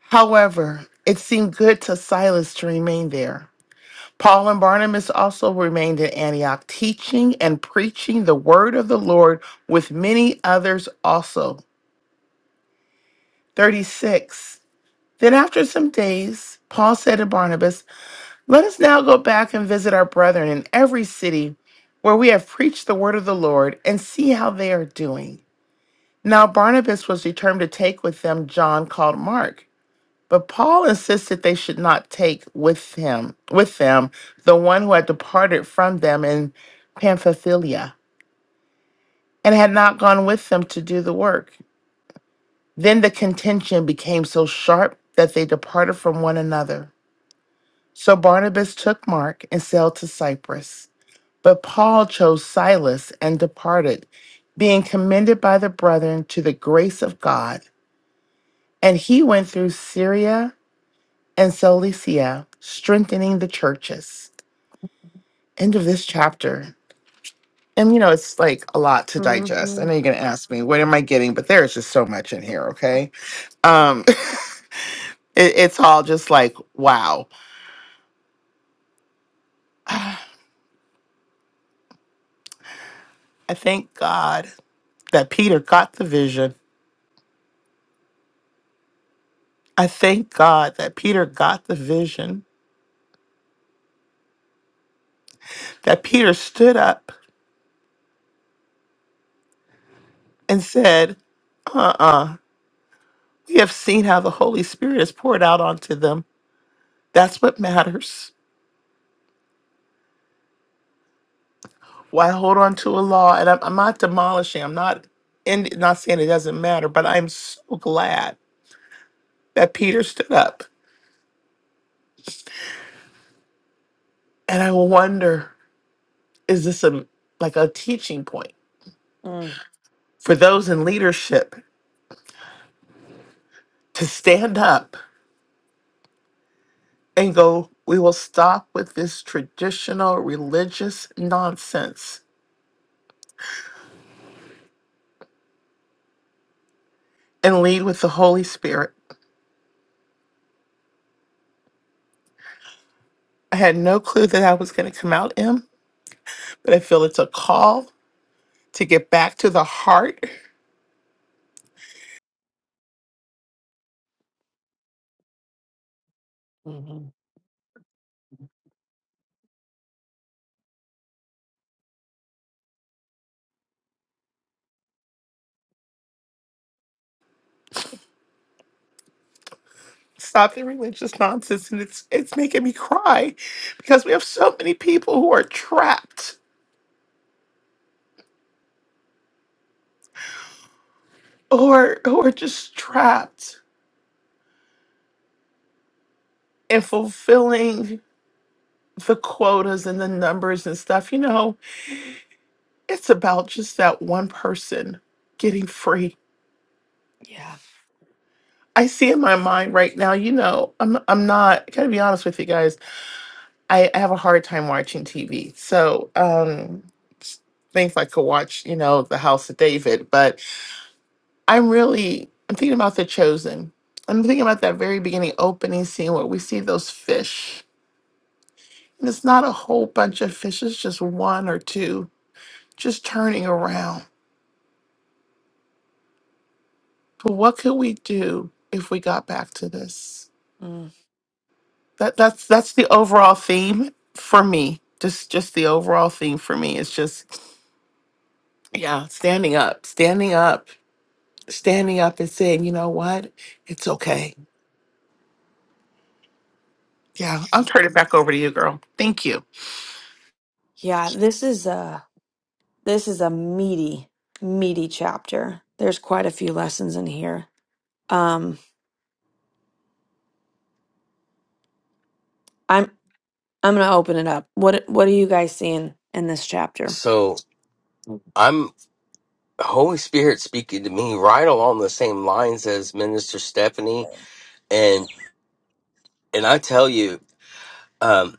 [SPEAKER 7] However, it seemed good to Silas to remain there Paul and Barnabas also remained in Antioch, teaching and preaching the word of the Lord with many others also. 36. Then after some days, Paul said to Barnabas, Let us now go back and visit our brethren in every city where we have preached the word of the Lord and see how they are doing. Now Barnabas was determined to take with them John called Mark. But Paul insisted they should not take with him with them the one who had departed from them in Pamphylia and had not gone with them to do the work. Then the contention became so sharp that they departed from one another. So Barnabas took Mark and sailed to Cyprus. But Paul chose Silas and departed, being commended by the brethren to the grace of God. And he went through Syria and Cilicia, strengthening the churches. end of this chapter. And you know, it's like a lot to digest. I
[SPEAKER 1] Mhm.
[SPEAKER 7] know you're gonna ask me, what am I getting? But there's just so much in here, okay? Um it, it's all just like, wow. I thank God that Peter got the vision. I thank God that Peter got the vision, that Peter stood up and said, uh-uh, we have seen how the Holy Spirit is poured out onto them. That's what matters. Why hold on to a law? And I'm, I'm not demolishing. I'm not in, not saying it doesn't matter, but I'm so glad that Peter stood up. And I wonder, is this a like a teaching point for those in leadership to stand up and go? We will stop with this traditional religious nonsense and lead with the Holy Spirit. I had no clue that I was going to come out M, but I feel it's a call to get back to the heart
[SPEAKER 1] hmm
[SPEAKER 7] Stop the religious nonsense, and it's it's making me cry because we have so many people who are trapped or who are who are just trapped in fulfilling the quotas and the numbers and stuff. You know, it's about just that one person getting free.
[SPEAKER 1] Yeah.
[SPEAKER 7] I see in my mind right now, you know, I'm I'm not I gotta be honest with you guys. I, I have a hard time watching TV. So um s- things like I could watch, you know, The House of David, but I'm really I'm thinking about the chosen. I'm thinking about that very beginning opening scene where we see those fish. And it's not a whole bunch of fish, it's just one or two just turning around. But what could we do if we got back to this?
[SPEAKER 1] Mm.
[SPEAKER 7] That that's that's the overall theme for me. Just just the overall theme for me. It's just yeah, standing up, standing up, standing up and saying, you know what? It's okay. Yeah, I'll turn it back over to you, girl. Thank you.
[SPEAKER 1] Yeah. This is uh This is a meaty, meaty chapter. There's quite a few lessons in here. Um, I'm I'm gonna open it up. What what are you guys seeing in this chapter?
[SPEAKER 5] so i'm holy spirit speaking to me right along the same lines as minister stephanie and and I tell you, um,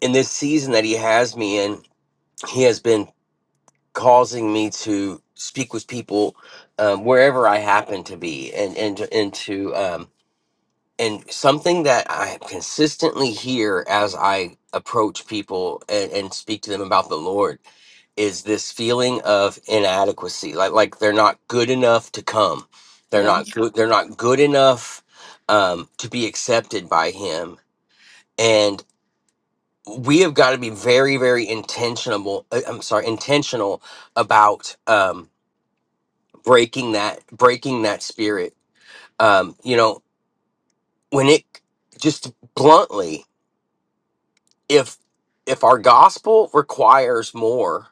[SPEAKER 5] in this season that he has me in, he has been causing me to speak with people um, wherever I happen to be, and and to- and to um, and something that I consistently hear as I approach people and, and speak to them about the Lord is this feeling of inadequacy like like they're not good enough to come they're
[SPEAKER 1] Yeah,
[SPEAKER 5] not good they're not good enough um, to be accepted by him we have got to be very very intentional uh, i'm sorry intentional about um breaking that breaking that spirit um you know when it just bluntly if if our gospel requires more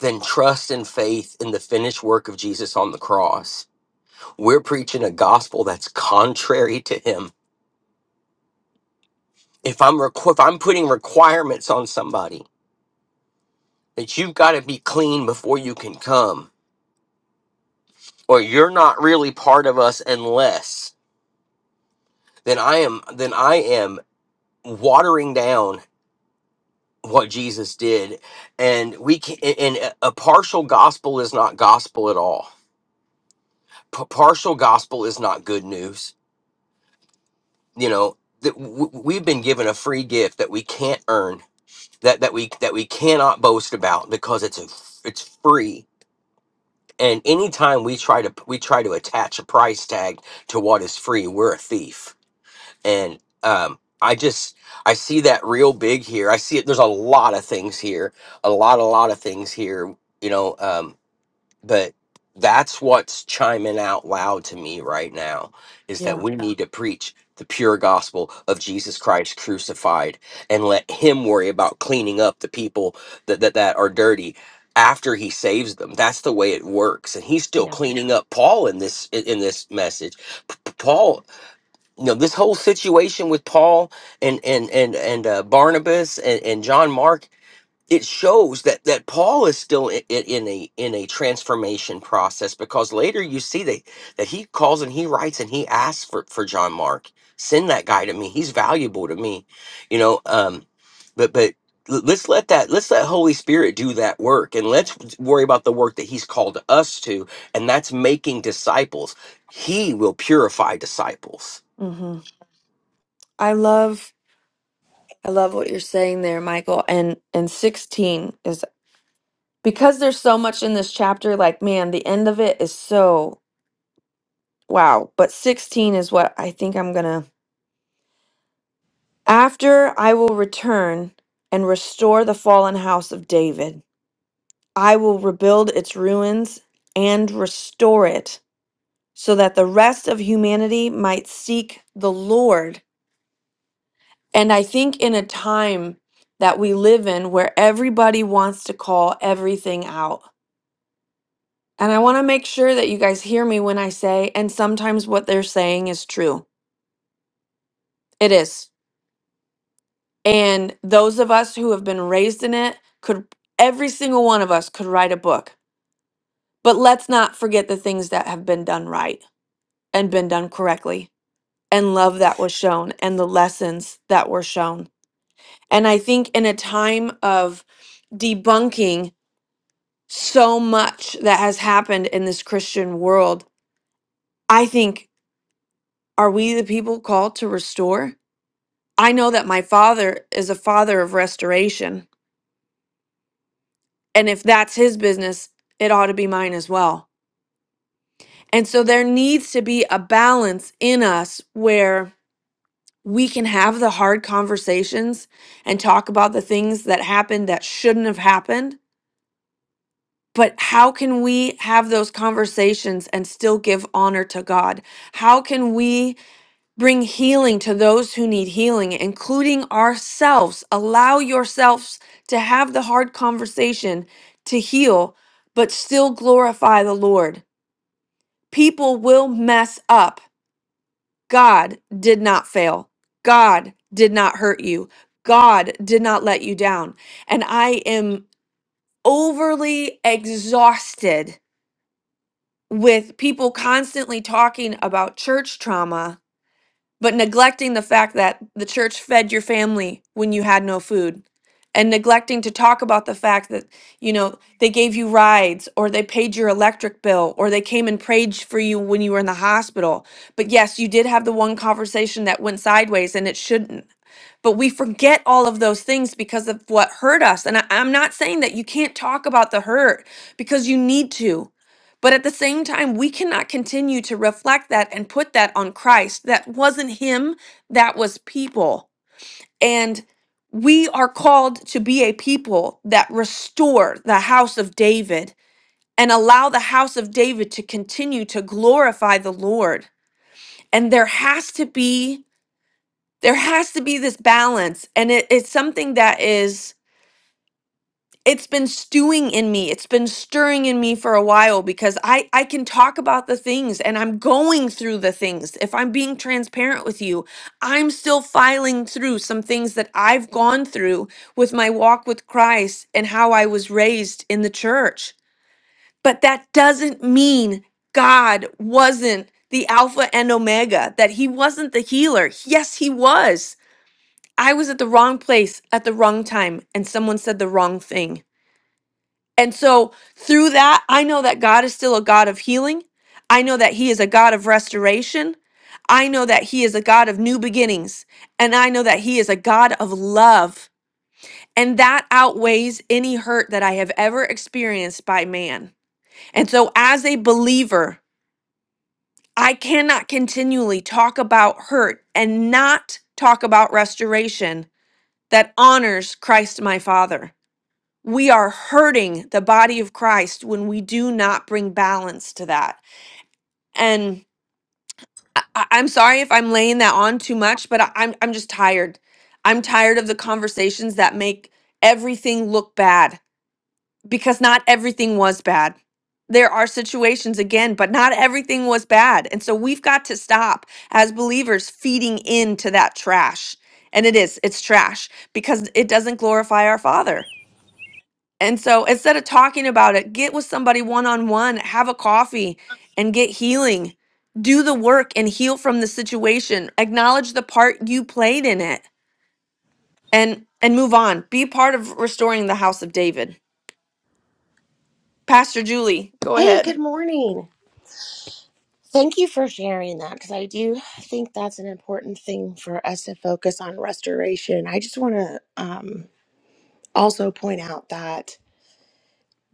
[SPEAKER 5] than trust and faith in the finished work of jesus on the cross we're preaching a gospel that's contrary to him if i'm requ- if i'm putting requirements on somebody that you've got to be clean before you can come or you're not really part of us unless then i am then i am watering down what jesus did and we can and a a partial gospel is not gospel at all P- partial gospel is not good news you know that w- we've been given a free gift that we can't earn that that we that we cannot boast about because it's a, it's free and anytime we try to we try to attach a price tag to what is free we're a thief and um, I just I see that real big here. I see it. There's a lot of things here, a lot, a lot of things here, you know. Um, but that's what's chiming out loud to me right now is that
[SPEAKER 1] yeah,
[SPEAKER 5] we Yeah. need to preach the pure gospel of Jesus Christ crucified and let Him worry about cleaning up the people that that, that are dirty after he saves them that's the way it works and he's still
[SPEAKER 1] yeah.
[SPEAKER 5] cleaning up paul in this in in this message P- P- Paul you know this whole situation with paul and and and and uh, barnabas and, and john mark it shows that that paul is still in, in a in a transformation process because later you see that that he calls and he writes and he asks for for john mark send that guy to me he's valuable to me you know um but but l- let's let that let's let holy spirit do that work and let's worry about the work that he's called us to and that's making disciples he will purify disciples
[SPEAKER 1] hmm I love, I love what you're saying there, Michael. And and 16 is because there's so much in this chapter. Like, man, the end of it is so wow. But 16 is what I think I'm gonna. After I will return and restore the fallen house of David. I will rebuild its ruins and restore it, so that the rest of humanity might seek the Lord And I think in a time that we live in where everybody wants to call everything out, and I want to make sure that you guys hear me when I say, and sometimes what they're saying is true. It is. And those of us who have been raised in it could, every single one of us could write a book. But let's not forget the things that have been done right and been done correctly, and love that was shown, and the lessons that were shown. And I think in a time of debunking so much that has happened in this Christian world. I think, are we the people called to restore? I know that my father is a father of restoration. And if that's his business, it ought to be mine as well. And so there needs to be a balance in us where we can have the hard conversations and talk about the things that happened that shouldn't have happened. But how can we have those conversations and still give honor to God? How can we? Bring healing to those who need healing, including ourselves. Allow yourselves to have the hard conversation to heal, but still glorify the Lord. People will mess up. God did not fail. God did not hurt you. God did not let you down. And I am overly exhausted with people constantly talking about church trauma but neglecting the fact that the church fed your family when you had no food and neglecting to talk about the fact that you know they gave you rides or they paid your electric bill or they came and prayed for you when you were in the hospital but yes you did have the one conversation that went sideways and it shouldn't but we forget all of those things because of what hurt us. And I, I'm not saying that you can't talk about the hurt because you need to. But at the same time, we cannot continue to reflect that and put that on Christ. That wasn't him, that was people. And we are called to be a people that restore the house of David and allow the house of David to continue to glorify the Lord. And there has to be there has to be this balance and it, it's something that is it's been stewing in me it's been stirring in me for a while because i i can talk about the things and i'm going through the things if i'm being transparent with you i'm still filing through some things that i've gone through with my walk with christ and how i was raised in the church but that doesn't mean god wasn't the alpha and omega that he wasn't the healer yes he was I was at the wrong place at the wrong time and someone said the wrong thing. And so through that, I know that God is still a God of healing. I know that He is a God of restoration. I know that He is a God of new beginnings. And I know that He is a God of love. And that outweighs any hurt that I have ever experienced by man. And so as a believer, I cannot continually talk about hurt and not talk about restoration that honors Christ my Father. we are hurting the body of Christ when we do not bring balance to that. And I, I- I'm sorry if I'm laying that on too much, but I, I'm I'm just tired. I'm tired of the conversations that make everything look bad because not everything was bad. There are situations again, but not everything was bad. And so we've got to stop as believers feeding into that trash. And it is, it's trash because it doesn't glorify our Father. And so instead of talking about it, get with somebody one on one, have a coffee and get healing. Do the work and heal from the situation. Acknowledge the part you played in it and and move on. Be part of restoring the house of David. Pastor Julie, go
[SPEAKER 8] Hey,
[SPEAKER 1] ahead.
[SPEAKER 8] good morning. Thank you for sharing that because I do think that's an important thing for us to focus on restoration. I just want to um, also point out that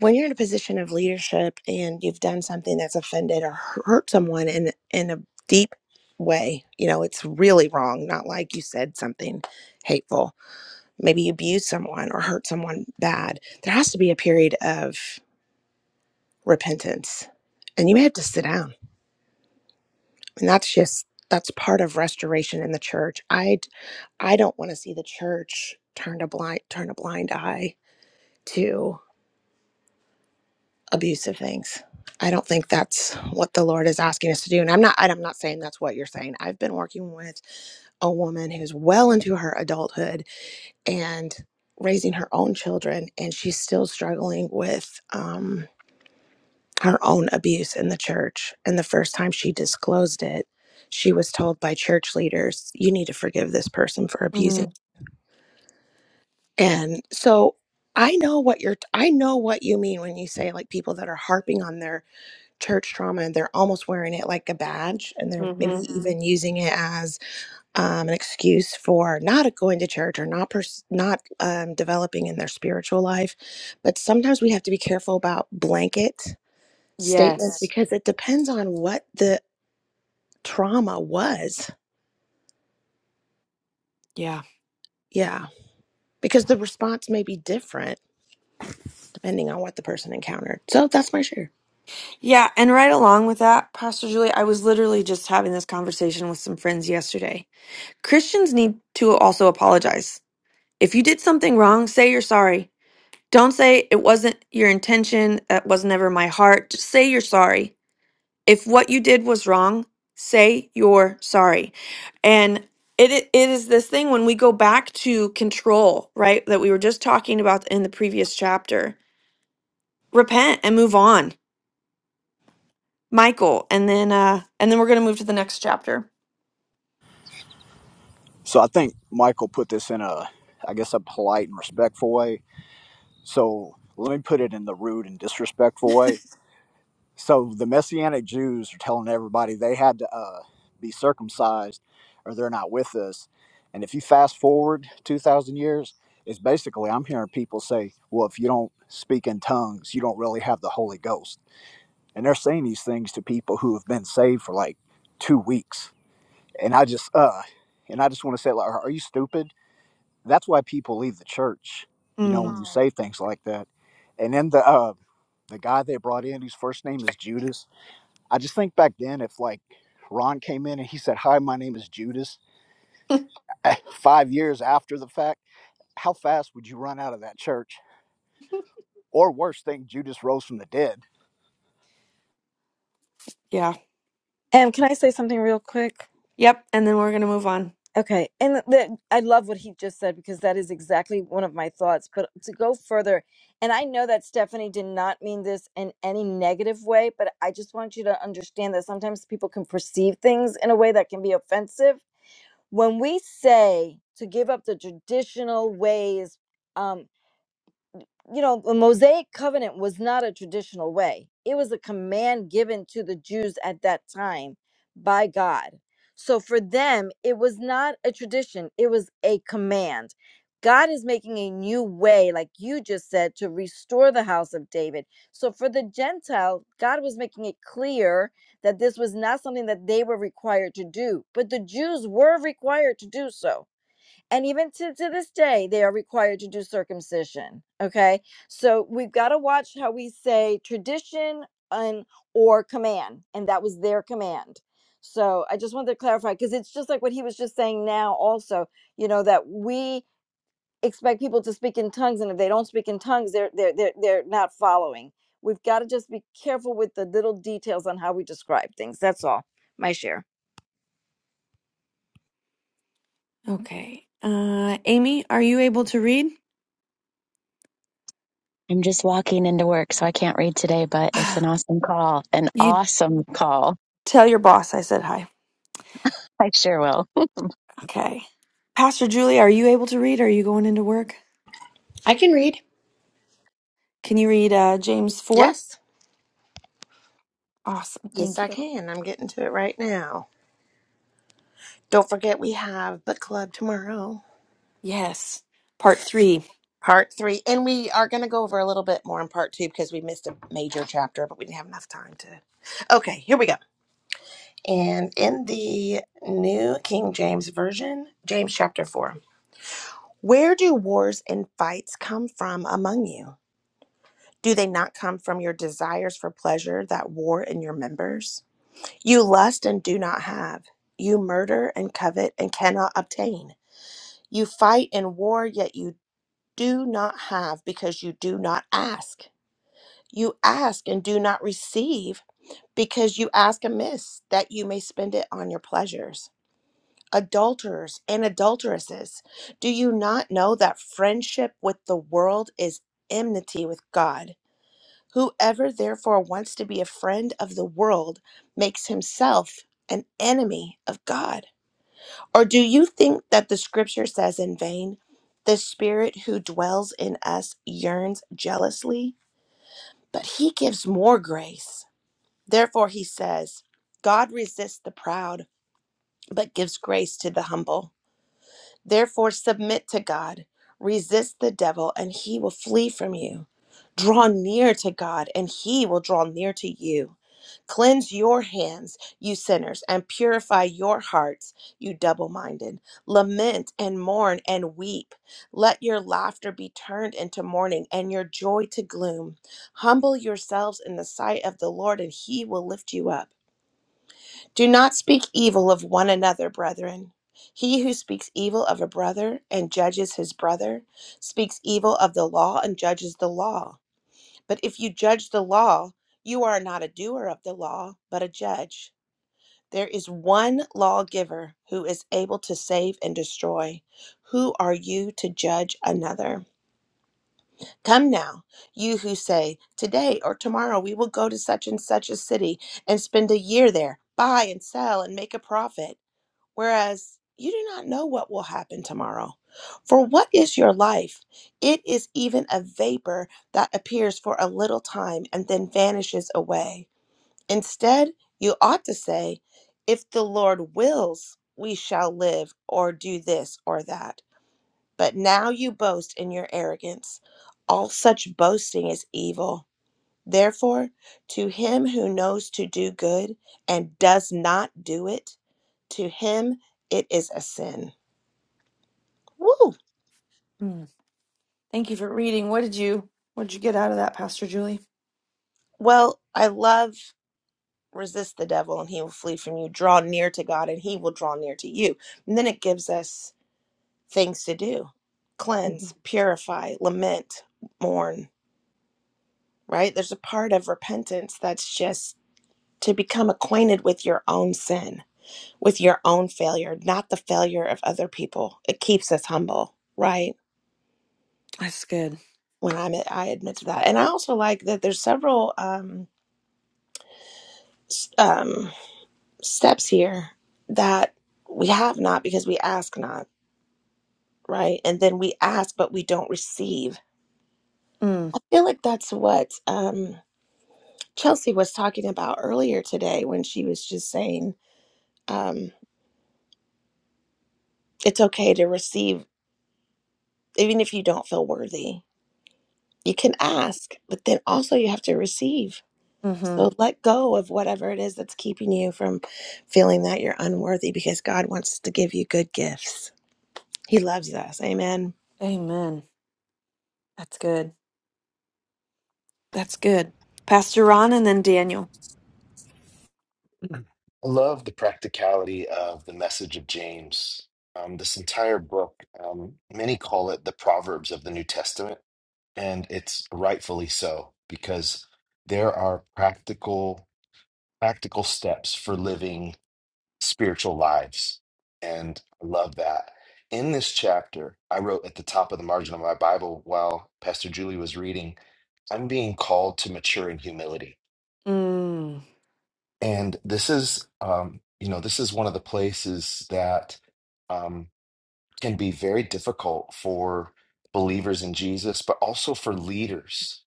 [SPEAKER 8] when you're in a position of leadership and you've done something that's offended or hurt someone in in a deep way, you know it's really wrong. Not like you said something hateful, maybe you abused someone or hurt someone bad. There has to be a period of repentance, and you may have to sit down and that's just that's part of restoration in the church i d- i don't want to see the church turn a blind turn a blind eye to abusive things i don't think that's what the lord is asking us to do and i'm not and i'm not saying that's what you're saying i've been working with a woman who's well into her adulthood and raising her own children and she's still struggling with um her own abuse in the church. And the first time she disclosed it, she was told by church leaders, you need to forgive this person for
[SPEAKER 1] Mm-hmm.
[SPEAKER 8] abusing. And so I know what you're, I know what you mean when you say like people that are harping on their church trauma and they're almost wearing it like a badge and they're maybe Mhm. even using it as um, an excuse for not going to church or not, pers- not um, developing in their spiritual life. But sometimes we have to be careful about blanket statements
[SPEAKER 1] Yes.
[SPEAKER 8] because it depends on what the trauma was.
[SPEAKER 1] Yeah.
[SPEAKER 8] Yeah. Because the response may be different depending on what the person encountered. So that's my share.
[SPEAKER 1] Yeah. And right along with that, Pastor Julie, I was literally just having this conversation with some friends yesterday. Christians need to also apologize. If you did something wrong, say you're sorry Don't say it wasn't your intention, that was never my heart. Just say you're sorry. If what you did was wrong, say you're sorry. And it, i- it is this thing when we go back to control, right? That we were just talking about in the previous chapter. Repent and move on, Michael, and then uh and then we're going to move to the next chapter.
[SPEAKER 9] So I think Michael put this in a, I guess, a polite and respectful way. So let me put it in the rude and disrespectful way. So the Messianic Jews are telling everybody they had to uh, be circumcised or they're not with us. And if you fast forward 2,000 years, it's basically I'm hearing people say, well, if you don't speak in tongues, you don't really have the Holy Ghost. And they're saying these things to people who have been saved for like two weeks. And I just, uh, and I just want to say, like, are you stupid? that's why people leave the church you know when
[SPEAKER 1] Mm,
[SPEAKER 9] you Mm. say things like that and then the uh the guy they brought in whose first name is judas i just think back then if like ron came in and he said hi my name is judas five years after the fact how fast would you run out of that church or worse thing judas rose from the dead
[SPEAKER 1] yeah.
[SPEAKER 4] and can i say something real quick
[SPEAKER 1] Yep, and then we're going to move on.
[SPEAKER 4] Okay, and th- I love what he just said because that is exactly one of my thoughts. But to go further, and I know that Stephanie did not mean this in any negative way, but I just want you to understand that sometimes people can perceive things in a way that can be offensive. When we say to give up the traditional ways, um, you know, the Mosaic covenant was not a traditional way. It was a command given to the Jews at that time by God. So for them, it was not a tradition, it was a command. God is making a new way, like you just said, to restore the house of David. So for the Gentile, God was making it clear that this was not something that they were required to do, but the Jews were required to do so and even to, to this day they are required to do circumcision okay so we've got to watch how we say tradition and or command and that was their command so i just wanted to clarify because it's just like what he was just saying now also you know that we expect people to speak in tongues and if they don't speak in tongues they're they're they're, they're not following we've got to just be careful with the little details on how we describe things that's all my share
[SPEAKER 1] Okay. Uh Amy, are you able to read?
[SPEAKER 10] I'm just walking into work, so I can't read today, but it's an awesome call. An
[SPEAKER 1] You
[SPEAKER 10] awesome call.
[SPEAKER 1] tell your boss I said hi.
[SPEAKER 10] I sure will.
[SPEAKER 1] Okay. Pastor Julie, are you able to read? Are you going into work?
[SPEAKER 8] I can read.
[SPEAKER 1] Can you read uh, James 4?
[SPEAKER 8] Yes.
[SPEAKER 1] Awesome.
[SPEAKER 8] Yes,
[SPEAKER 1] Thank
[SPEAKER 8] I
[SPEAKER 1] you.
[SPEAKER 8] can. I'm getting to it right now. Don't forget, we have book club tomorrow,
[SPEAKER 1] Yes. Part 3.
[SPEAKER 8] part three. And we are going to go over a little bit more in part two because we missed a major chapter, but we didn't have enough time to. Okay, here we go. And in the New King James Version, James chapter four. Where do wars and fights come from among you? Do they not come from your desires for pleasure that war in your members? You lust and do not have. You murder and covet and cannot obtain. You fight and war, yet you do not have because you do not ask. You ask and do not receive because you ask amiss that you may spend it on your pleasures. adulterers and adulteresses. Do you not know that friendship with the world is enmity with God? Whoever therefore wants to be a friend of the world makes himself an enemy of God. Or do you think that the scripture says in vain, the spirit who dwells in us yearns jealously? But he gives more grace. Therefore, he says, God resists the proud, but gives grace to the humble. Therefore, submit to God, resist the devil, and he will flee from you. Draw near to God, and he will draw near to you. Cleanse your hands, you sinners, and purify your hearts, you double minded. Lament and mourn and weep. Let your laughter be turned into mourning and your joy to gloom. Humble yourselves in the sight of the Lord, and he will lift you up. Do not speak evil of one another, brethren. He who speaks evil of a brother and judges his brother speaks evil of the law and judges the law. But if you judge the law, you are not a doer of the law, but a judge. There is one lawgiver who is able to save and destroy. Who are you to judge another? Come now, you who say, Today or tomorrow we will go to such and such a city and spend a year there, buy and sell and make a profit. Whereas you do not know what will happen tomorrow. For what is your life? It is even a vapor that appears for a little time and then vanishes away. Instead, you ought to say, If the Lord wills, we shall live or do this or that. But now you boast in your arrogance. All such boasting is evil. Therefore, to him who knows to do good and does not do it, to him, it is a sin. Woo!
[SPEAKER 1] Mm. Thank you for reading. What did you what did you get out of that, Pastor Julie?
[SPEAKER 8] Well, I love resist the devil and he will flee from you. Draw near to God and he will draw near to you. And then it gives us things to do
[SPEAKER 1] Mhm.
[SPEAKER 8] cleanse, purify, lament, mourn, right? There's a part of repentance that's just to become acquainted with your own sin, with your own failure, not the failure of other people. It keeps us humble, right?
[SPEAKER 1] That's good.
[SPEAKER 8] When I'm, I admit to that. And I also like that there's several um, s- um, steps here that we have not because we ask not, right? And then we ask, but we don't receive.
[SPEAKER 1] Mm.
[SPEAKER 8] I feel like that's what um, Chelsea was talking about earlier today when she was just saying um, it's okay to receive, even if you don't feel worthy. You can ask, but then also you have to receive.
[SPEAKER 1] Mhm.
[SPEAKER 8] So let go of whatever it is that's keeping you from feeling that you're unworthy because God wants to give you good gifts. He loves us. Amen.
[SPEAKER 1] Amen. That's good. That's good. Pastor Ron and then Daniel.
[SPEAKER 2] I love the practicality of the message of James. Um, this entire book, um, many call it the Proverbs of the New Testament, and it's rightfully so because there are practical practical steps for living spiritual lives. And I love that. In this chapter, I wrote at the top of the margin of my Bible while Pastor Julie was reading, I'm being called to mature in humility.
[SPEAKER 1] Mm.
[SPEAKER 2] And this is, um, you know, this is one of the places that um, can be very difficult for believers in Jesus, but also for leaders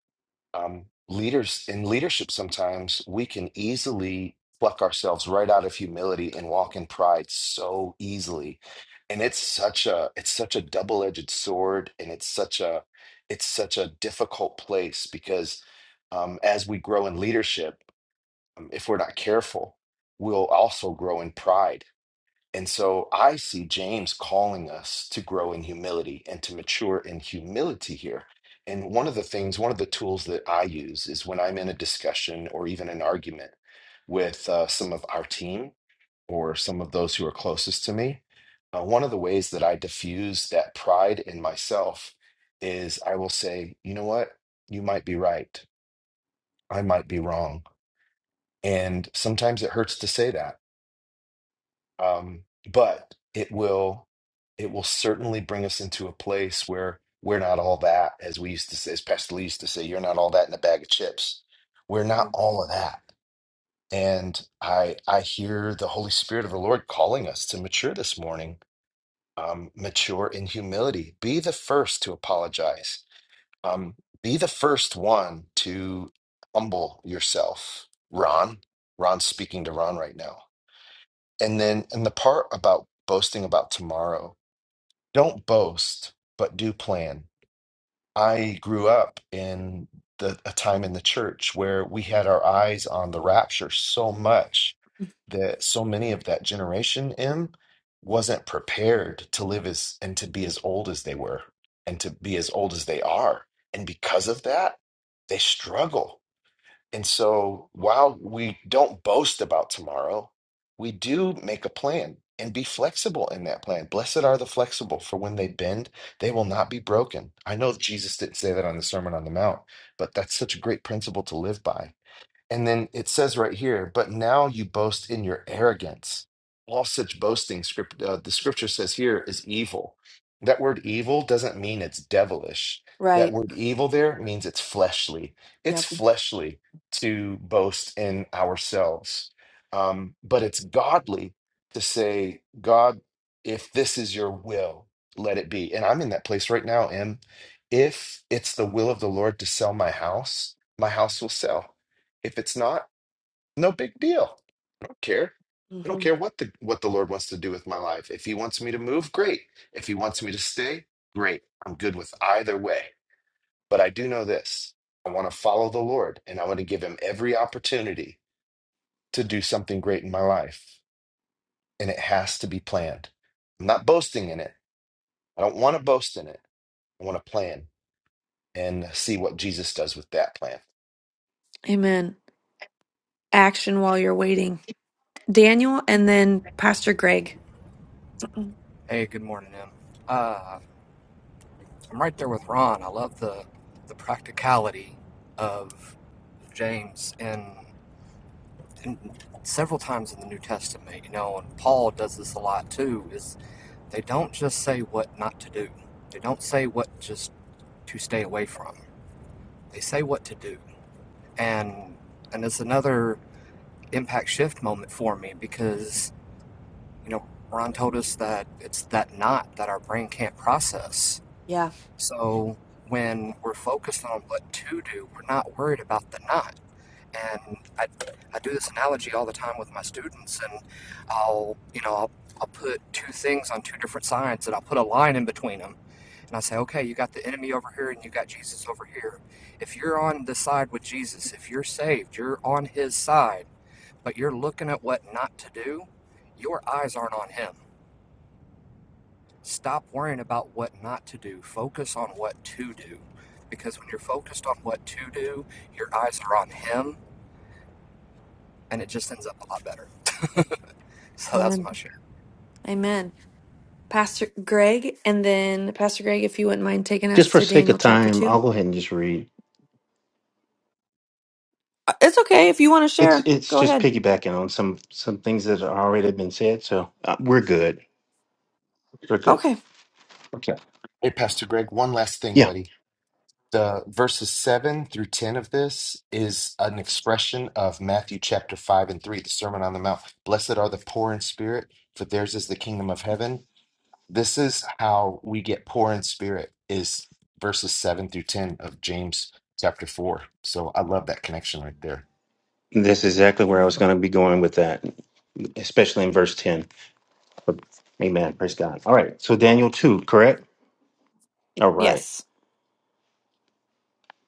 [SPEAKER 2] um, leaders in leadership sometimes we can easily pluck ourselves right out of humility and walk in pride so easily and it's such a it's such a double-edged sword and it's such a it's such a difficult place because um, as we grow in leadership um, if we're not careful we'll also grow in pride and so I see James calling us to grow in humility and to mature in humility here. And one of the things, one of the tools that I use is when I'm in a discussion or even an argument with uh, some of our team or some of those who are closest to me, uh, one of the ways that I diffuse that pride in myself is I will say, you know what? You might be right. I might be wrong. And sometimes it hurts to say that um, but it will it will certainly bring us into a place where we're not all that as we used to say as pastor lee used to say you're not all that in a bag of chips we're not all of that and i i hear the holy spirit of the lord calling us to mature this morning um, mature in humility be the first to apologize um, be the first one to humble yourself ron ron's speaking to ron right now and then, and the part about boasting about tomorrow, don't boast, but do plan. I grew up in the, a time in the church where we had our eyes on the rapture so much that so many of that generation M wasn't prepared to live as and to be as old as they were and to be as old as they are. And because of that, they struggle and so while we don't boast about tomorrow, we do make a plan and be flexible in that plan. Blessed are the flexible, for when they bend, they will not be broken. I know Jesus didn't say that on the Sermon on the Mount, but that's such a great principle to live by and then it says right here, but now you boast in your arrogance. All such boasting, script, uh, the scripture says here, is evil. That word evil doesn't mean it's devilish. That
[SPEAKER 1] Right.
[SPEAKER 2] word evil there means it's fleshly. It's
[SPEAKER 1] Yep.
[SPEAKER 2] fleshly to boast in ourselves. Um, but it's godly to say, God, if this is your will, let it be. And I'm in that place right now, Em. If it's the will of the Lord to sell my house, my house will sell if it's not, no big deal. I don't care. I don't
[SPEAKER 1] hmm
[SPEAKER 2] care what the what the Lord wants to do with my life. If he wants me to move, great. If he wants me to stay, great. I'm good with either way. But I do know this. I want to follow the Lord and I want to give him every opportunity to do something great in my life. And it has to be planned. I'm not boasting in it. I don't want to boast in it. I want to plan and see what Jesus does with that plan.
[SPEAKER 1] Amen. Action while you're waiting. Daniel and then Pastor Greg. Mm-mm.
[SPEAKER 11] Hey, good morning, Em. Uh, I'm right there with Ron. I love the the practicality of James and, and several times in the New Testament, you know, and Paul does this a lot too, is they don't just say what not to do. They don't say what just to stay away from. They say what to do. And and it's another impact shift moment for me because, you know, Ron told us that it's that not that our brain can't process.
[SPEAKER 1] Yeah.
[SPEAKER 11] So when we're focused on what to do, we're not worried about the not. And I, I do this analogy all the time with my students, and I'll, you know, I'll, I'll put two things on two different sides and I'll put a line in between them. And I say, okay, you got the enemy over here and you got Jesus over here. If you're on the side with Jesus, if you're saved, you're on his side, but you're looking at what not to do, your eyes aren't on him. Stop worrying about what not to do. Focus on what to do. Because when you're focused on what to do, your eyes are on Him, and it just ends up a lot better. So that's
[SPEAKER 1] Amen.
[SPEAKER 11] my share.
[SPEAKER 1] Amen. Pastor Greg and then Pastor Greg, if you wouldn't mind taking
[SPEAKER 12] just
[SPEAKER 1] us
[SPEAKER 12] for
[SPEAKER 1] to
[SPEAKER 12] sake
[SPEAKER 1] Daniel
[SPEAKER 12] of
[SPEAKER 1] chapter
[SPEAKER 12] time,
[SPEAKER 1] two.
[SPEAKER 12] I'll go ahead and just read.
[SPEAKER 1] Uh, It's okay if you want to
[SPEAKER 12] It's
[SPEAKER 1] share.
[SPEAKER 12] it's
[SPEAKER 1] Go
[SPEAKER 12] just
[SPEAKER 1] ahead.
[SPEAKER 12] piggybacking on some some things that are already been said, so uh, we're good. We're good.
[SPEAKER 1] Okay.
[SPEAKER 12] Okay.
[SPEAKER 2] Hey, Pastor Greg, one last thing,
[SPEAKER 12] Yeah,
[SPEAKER 2] buddy. the verses 7 through 10 of this is an expression of Matthew chapter 5 and 3, the Sermon on the Mount. Blessed are the poor in spirit, for theirs is the kingdom of heaven. This is how we get poor in spirit, is verses 7 through 10 of James chapter 4. So I love that connection right there.
[SPEAKER 12] that's exactly where I was
[SPEAKER 1] Amen.
[SPEAKER 12] going to be going with that, especially in verse ten. Amen. Praise God. All right. So Daniel two, correct? All right.
[SPEAKER 1] Yes.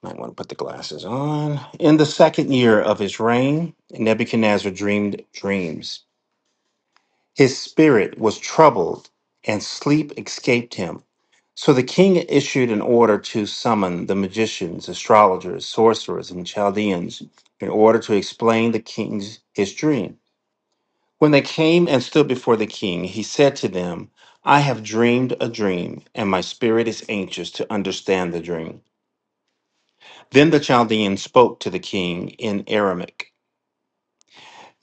[SPEAKER 12] Might want to put the glasses on. In the second year of his reign, Nebuchadnezzar dreamed dreams. His spirit was troubled, and sleep escaped him So the king issued an order to summon the magicians, astrologers, sorcerers, and Chaldeans in order to explain the king's his dream. When they came and stood before the king, he said to them, I have dreamed a dream, and my spirit is anxious to understand the dream. Then the Chaldeans spoke to the king in Aramaic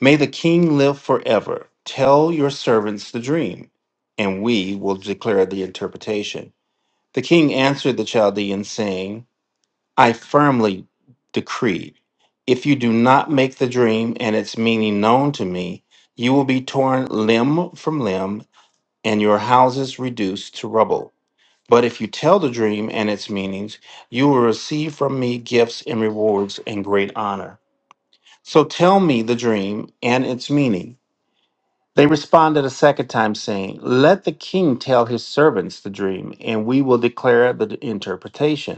[SPEAKER 12] May the king live forever. Tell your servants the dream, and we will declare the interpretation. The king answered the Chaldeans, saying, I firmly decree if you do not make the dream and its meaning known to me, you will be torn limb from limb and your houses reduced to rubble. But if you tell the dream and its meanings, you will receive from me gifts and rewards and great honor. So tell me the dream and its meaning. They responded a second time, saying, Let the king tell his servants the dream, and we will declare the interpretation.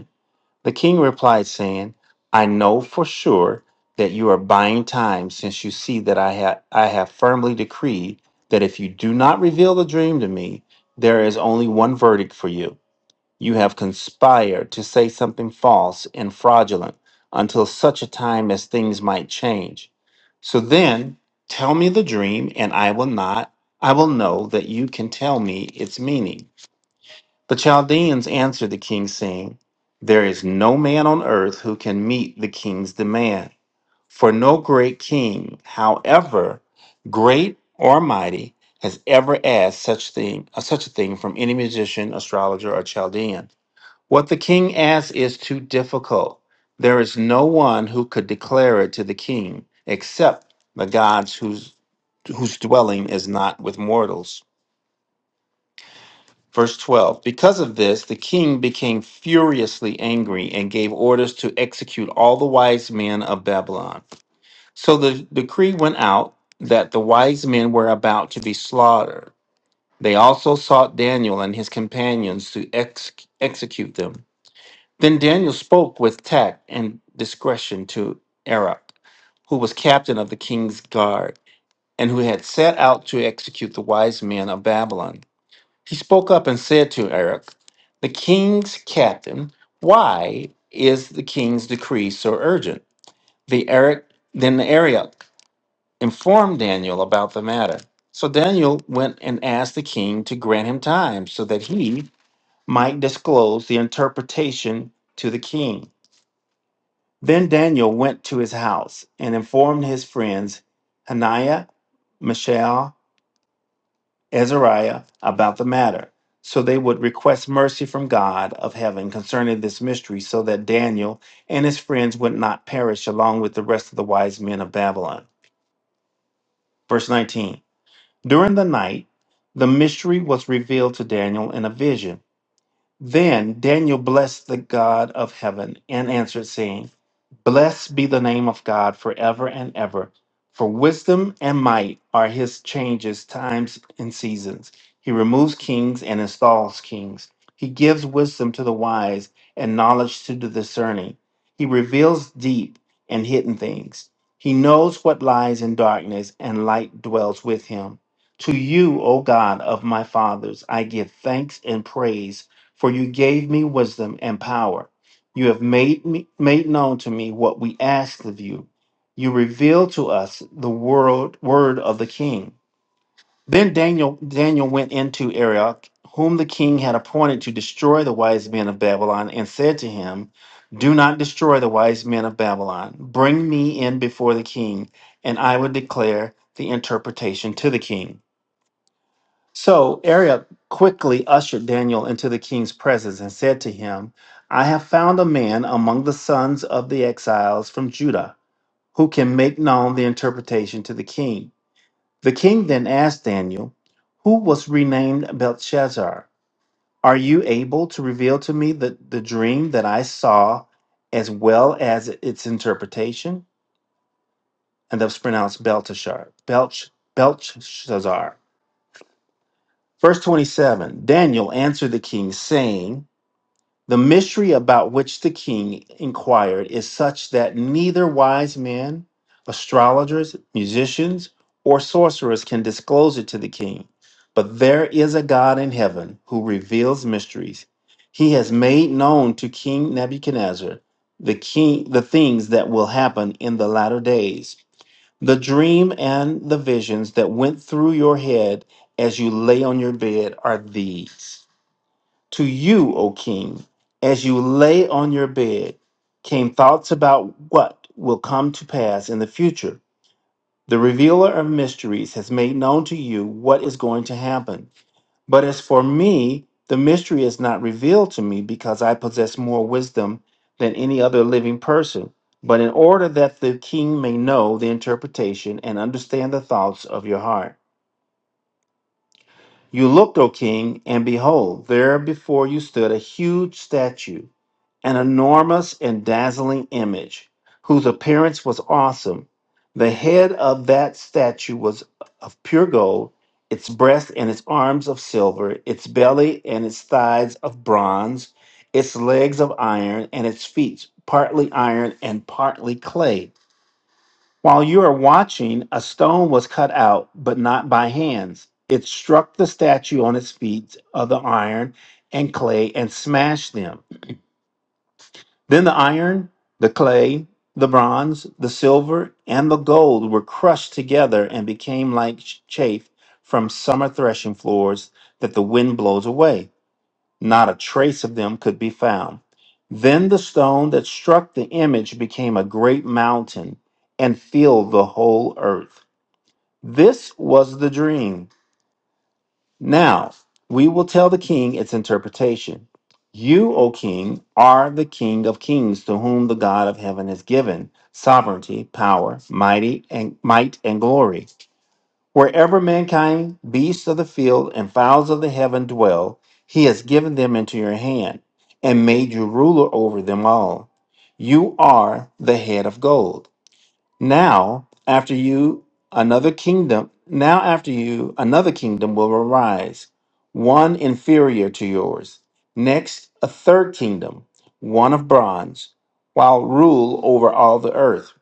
[SPEAKER 12] The king replied, saying, I know for sure that you are buying time, since you see that I, ha- I have firmly decreed that if you do not reveal the dream to me, there is only one verdict for you. You have conspired to say something false and fraudulent until such a time as things might change. So then tell me the dream, and I will not, I will know that you can tell me its meaning. The Chaldeans answered the king, saying, There is no man on earth who can meet the king's demand. For no great king, however great or mighty, has ever asked such thing uh, such a thing from any magician, astrologer, or Chaldean. What the king asks is too difficult. There is no one who could declare it to the king, except the gods whose whose dwelling is not with mortals. Verse 12 Because of this, the king became furiously angry and gave orders to execute all the wise men of Babylon. So the decree went out that the wise men were about to be slaughtered. They also sought Daniel and his companions to ex- execute them. Then Daniel spoke with tact and discretion to Arap, who was captain of the king's guard and who had set out to execute the wise men of Babylon. He spoke up and said to Eric, The king's captain, why is the king's decree so urgent? The Eric then the Arioch informed Daniel about the matter. So Daniel went and asked the king to grant him time so that he might disclose the interpretation to the king. Then Daniel went to his house and informed his friends Hananiah, Mishael, Azariah about the matter. So they would request mercy from God of heaven concerning this mystery, so that Daniel and his friends would not perish along with the rest of the wise men of Babylon. Verse 19 During the night, the mystery was revealed to Daniel in a vision. Then Daniel blessed the God of heaven and answered, saying, Blessed be the name of God forever and ever. For wisdom and might are his changes, times and seasons. He removes kings and installs kings. He gives wisdom to the wise and knowledge to the discerning. He reveals deep and hidden things. He knows what lies in darkness, and light dwells with him. To you, O God of my fathers, I give thanks and praise, for you gave me wisdom and power. You have made me, made known to me what we asked of you. You revealed to us the world word of the king. Then Daniel Daniel went into Arioch, whom the king had appointed to destroy the wise men of Babylon, and said to him, Do not destroy the wise men of Babylon. Bring me in before the king, and I will declare the interpretation to the king. So Ariel quickly ushered Daniel into the king's presence and said to him, I have found a man among the sons of the exiles from Judah who can make known the interpretation to the king. The king then asked Daniel, Who was renamed Belshazzar? Are you able to reveal to me the, the dream that I saw as well as its interpretation? And that's pronounced Belteshazzar. Belch, Belteshazzar. Verse 27 Daniel answered the king, saying, The mystery about which the king inquired is such that neither wise men, astrologers, musicians, or sorcerers can disclose it to the king. But there is a God in heaven who reveals mysteries. He has made known to King Nebuchadnezzar the king the things that will happen in the latter days, the dream and the visions that went through your head as you lay on your bed are these. To you, O king, as you lay on your bed, came thoughts about what will come to pass in the future. The revealer of mysteries has made known to you what is going to happen. But as for me, the mystery is not revealed to me because I possess more wisdom than any other living person. But in order that the king may know the interpretation and understand the thoughts of your heart. You looked, O king, and behold, there before you stood a huge statue an enormous and dazzling image whose appearance was awesome. The head of that statue was of pure gold, its breast and its arms of silver, its belly and its thighs of bronze, its legs of iron, and its feet partly iron and partly clay. While you are watching, a stone was cut out, but not by hands. It struck the statue on its feet of the iron and clay and smashed them. Then the iron, the clay, the bronze, the silver, and the gold were crushed together and became like ch- chaff from summer threshing floors that the wind blows away. Not a trace of them could be found. Then the stone that struck the image became a great mountain and filled the whole earth. This was the dream. Now we will tell the king its interpretation. You, O king, are the king of kings to whom the God of heaven has given sovereignty, power, mighty and might and glory. Wherever mankind, beasts of the field, and fowls of the heaven dwell, he has given them into your hand and made you ruler over them all. You are the head of gold. Now, after you, another kingdom, now after you, another kingdom will arise, one inferior to yours. Next, a third kingdom, one of bronze, while rule over all the earth.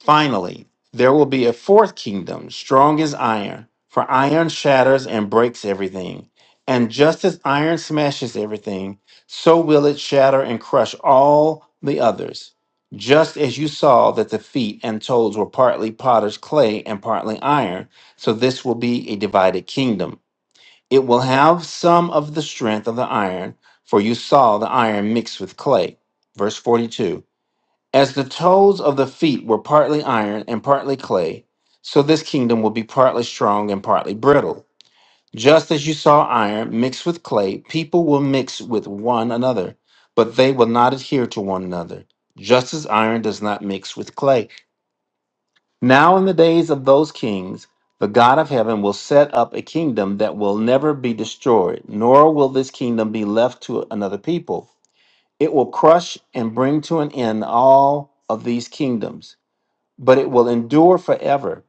[SPEAKER 12] Finally, there will be a fourth kingdom, strong as iron, for iron shatters and breaks everything. And just as iron smashes everything, so will it shatter and crush all the others. Just as you saw that the feet and toes were partly potter's clay and partly iron, so this will be a divided kingdom. It will have some of the strength of the iron, for you saw the iron mixed with clay. Verse 42. As the toes of the feet were partly iron and partly clay, so this kingdom will be partly strong and partly brittle. Just as you saw iron mixed with clay, people will mix with one another, but they will not adhere to one another, just as iron does not mix with clay. Now, in the days of those kings, the God of heaven will set up a kingdom that will never be destroyed, nor will this kingdom be left to another people. It will crush and bring to an end all of these kingdoms but it will endure forever.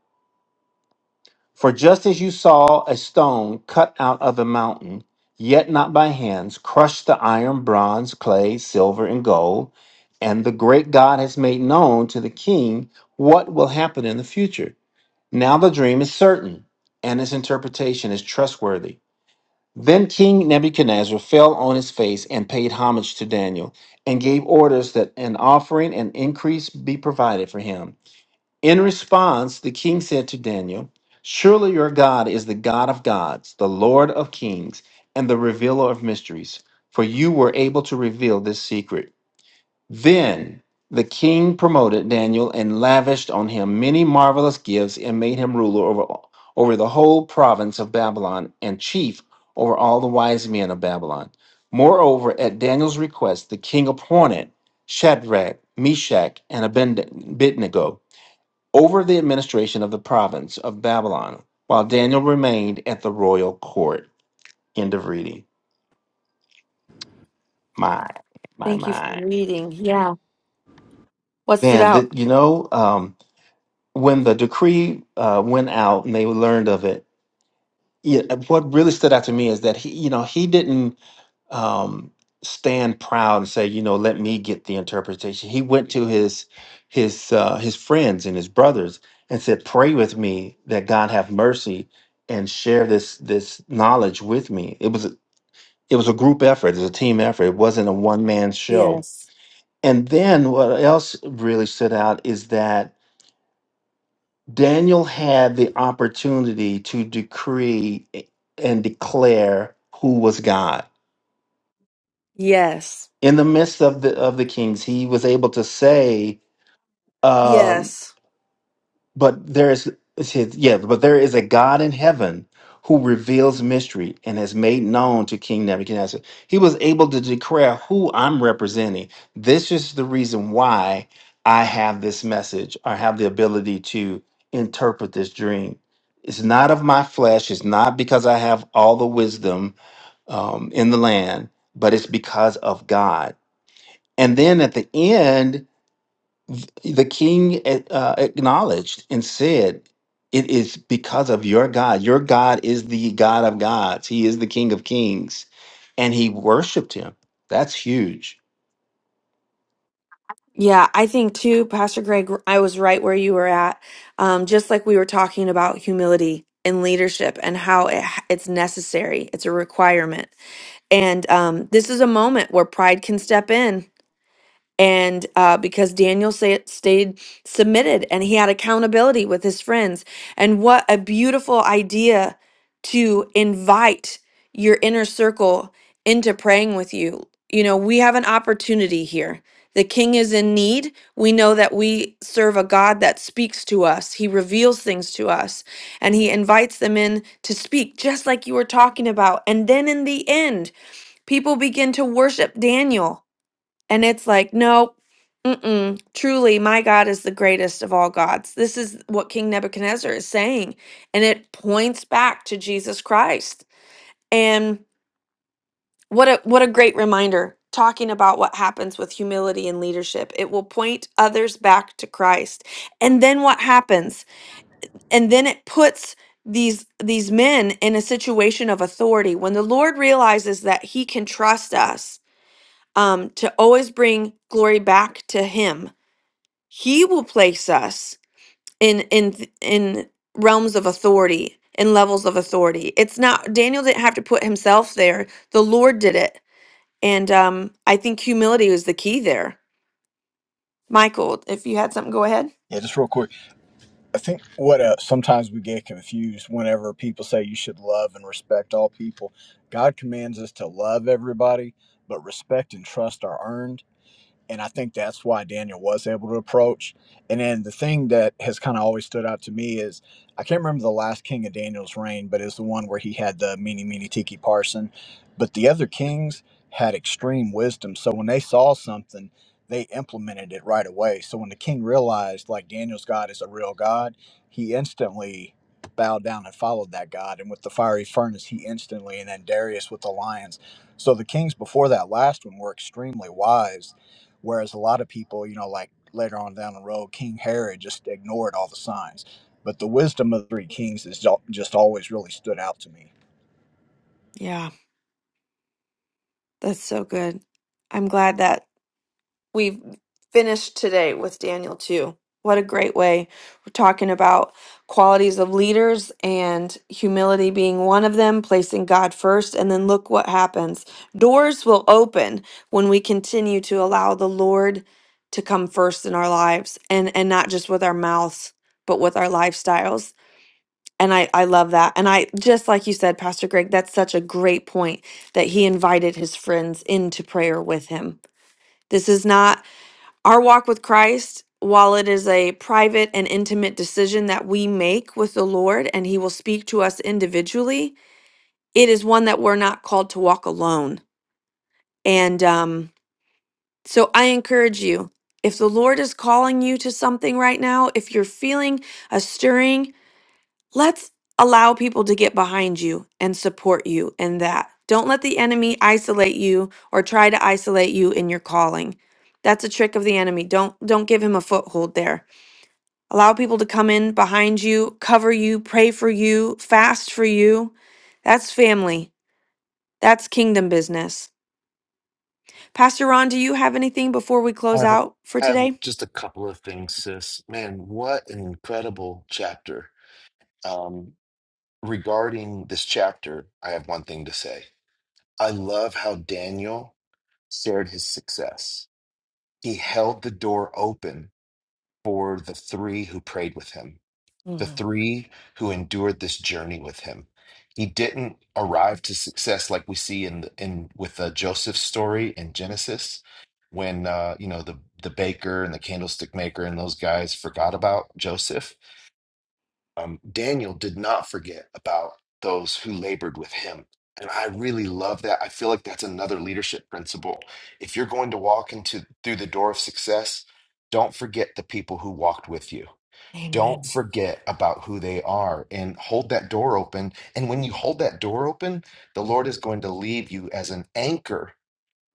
[SPEAKER 12] For just as you saw a stone cut out of a mountain, yet not by hands, crush the iron, bronze, clay, silver, and gold, and the great God has made known to the king what will happen in the future. Now the dream is certain, and its interpretation is trustworthy. Then King Nebuchadnezzar fell on his face and paid homage to Daniel, and gave orders that an offering and increase be provided for him. In response, the king said to Daniel, Surely your God is the God of gods, the Lord of kings, and the revealer of mysteries, for you were able to reveal this secret. Then the king promoted Daniel and lavished on him many marvelous gifts and made him ruler over, over the whole province of Babylon and chief over all the wise men of Babylon. Moreover, at Daniel's request, the king appointed Shadrach, Meshach, and Abed- Abednego over the administration of the province of Babylon, while Daniel remained at the royal court. End of reading. My, my,
[SPEAKER 1] Thank you for
[SPEAKER 12] my.
[SPEAKER 1] reading. Yeah. What stood
[SPEAKER 12] Man,
[SPEAKER 1] out?
[SPEAKER 12] that you know, um, when the decree uh, went out and they learned of it, yeah, what really stood out to me is that he, you know, he didn't. um, stand proud and say, you know, let me get the interpretation. He went to his his uh, his friends and his brothers and said, pray with me that God have mercy and share this this knowledge with me. It was a, it was a group effort. It was a team effort. It wasn't a one man show.
[SPEAKER 1] Yes.
[SPEAKER 12] And then what else really stood out is that Daniel had the opportunity to decree and declare who was God
[SPEAKER 1] Yes.
[SPEAKER 12] in the midst of the of the kings, he was able to say, um,
[SPEAKER 1] Yes.
[SPEAKER 12] "But there is, it says, yeah, but there is a God in heaven who reveals mystery and has made known to King Nebuchadnezzar." He was able to declare who I'm representing. This is the reason why I have this message or have the ability to interpret this dream. It's not of my flesh. It's not because I have all the wisdom um, in the land, but it's because of God and then at the end, the king eh, uh, acknowledged and said, It is because of your God. Your God is the God of gods, He is the King of kings. And he worshiped him. That's huge
[SPEAKER 1] Yeah, I think too, Pastor Greg, I was right where you were at. Um, just like we were talking about humility and leadership and how it, it's necessary, it's a requirement. And um, this is a moment where pride can step in and uh, because Daniel sa- stayed submitted and he had accountability with his friends. And what a beautiful idea to invite your inner circle into praying with you. You know, we have an opportunity here. The king is in need. We know that we serve a God that speaks to us. He reveals things to us and he invites them in to speak, just like you were talking about. And then in the end, people begin to worship Daniel and it's like, nope, mm-mm. Truly, my God is the greatest of all gods. This is what King Nebuchadnezzar is saying, and it points back to Jesus Christ. And what a what a great reminder talking about what happens with humility and leadership. It will point others back to Christ. And then what happens? And then it puts these these men in a situation of authority when the Lord realizes that he can trust us um, to always bring glory back to him He will place us in in th- in realms of authority in levels of authority. It's not Daniel didn't have to put himself there. The Lord did it. And um I think humility was the key there. Michael, if you had something go ahead.
[SPEAKER 9] Yeah, just real quick. I think what uh, sometimes we get confused whenever people say you should love and respect all people. God commands us to love everybody, but respect and trust are earned. And I think that's why Daniel was able to approach. And then the thing that has kind of always stood out to me is I can't remember the last king of Daniel's reign, but it's the one where he had the meeny, meeny, tiki parson. But the other kings had extreme wisdom. So when they saw something, they implemented it right away. So when the king realized, like, Daniel's God is a real God, he instantly bowed down and followed that God. And with the fiery furnace, he instantly, and then Darius with the lions. So the kings before that last one were extremely wise Whereas a lot of people, you know, like later on down the road, King Herod just ignored all the signs. But the wisdom of the three kings has just always really stood out to me.
[SPEAKER 1] Yeah, that's so good. I'm glad that we finished today with Daniel too. What a great way. We're talking about qualities of leaders and humility being one of them, placing God first, and then look what happens. Doors will open when we continue to allow the Lord to come first in our lives and and not just with our mouths, but with our lifestyles. And I, I love that. And I just like you said, Pastor Greg, that's such a great point that he invited his friends into prayer with him. This is not our walk with Christ, while it is a private and intimate decision that we make with the Lord and He will speak to us individually, it is one that we're not called to walk alone. And um, so I encourage you if the Lord is calling you to something right now, if you're feeling a stirring, let's allow people to get behind you and support you in that. Don't let the enemy isolate you or try to isolate you in your calling. That's a trick of the enemy. Don't don't give him a foothold there Allow people to come in behind you, cover you, pray for you, fast for you. That's family. That's kingdom business. Pastor Ron, do you have anything before we
[SPEAKER 2] I
[SPEAKER 1] close
[SPEAKER 2] have, a,
[SPEAKER 1] out for
[SPEAKER 2] I have
[SPEAKER 1] today?
[SPEAKER 2] just a couple of things, sis. Man, what an incredible chapter. Um, regarding this chapter, I have one thing to say. I love how Daniel. shared his success. He held the door open for the three who prayed with him, the
[SPEAKER 1] Mhm.
[SPEAKER 2] three who endured this journey with him. He didn't arrive to success like we see in in with uh, Joseph's story in Genesis, when uh, you know the the baker and the candlestick maker and those guys forgot about Joseph um, Daniel did not forget about those who labored with him. And I really love that. I feel like that's another leadership principle. If you're going to walk into through the door of success, don't forget the people who walked with you. Don't
[SPEAKER 1] Amen.
[SPEAKER 2] forget about who they are and hold that door open. And when you hold that door open, the Lord is going to leave you as an anchor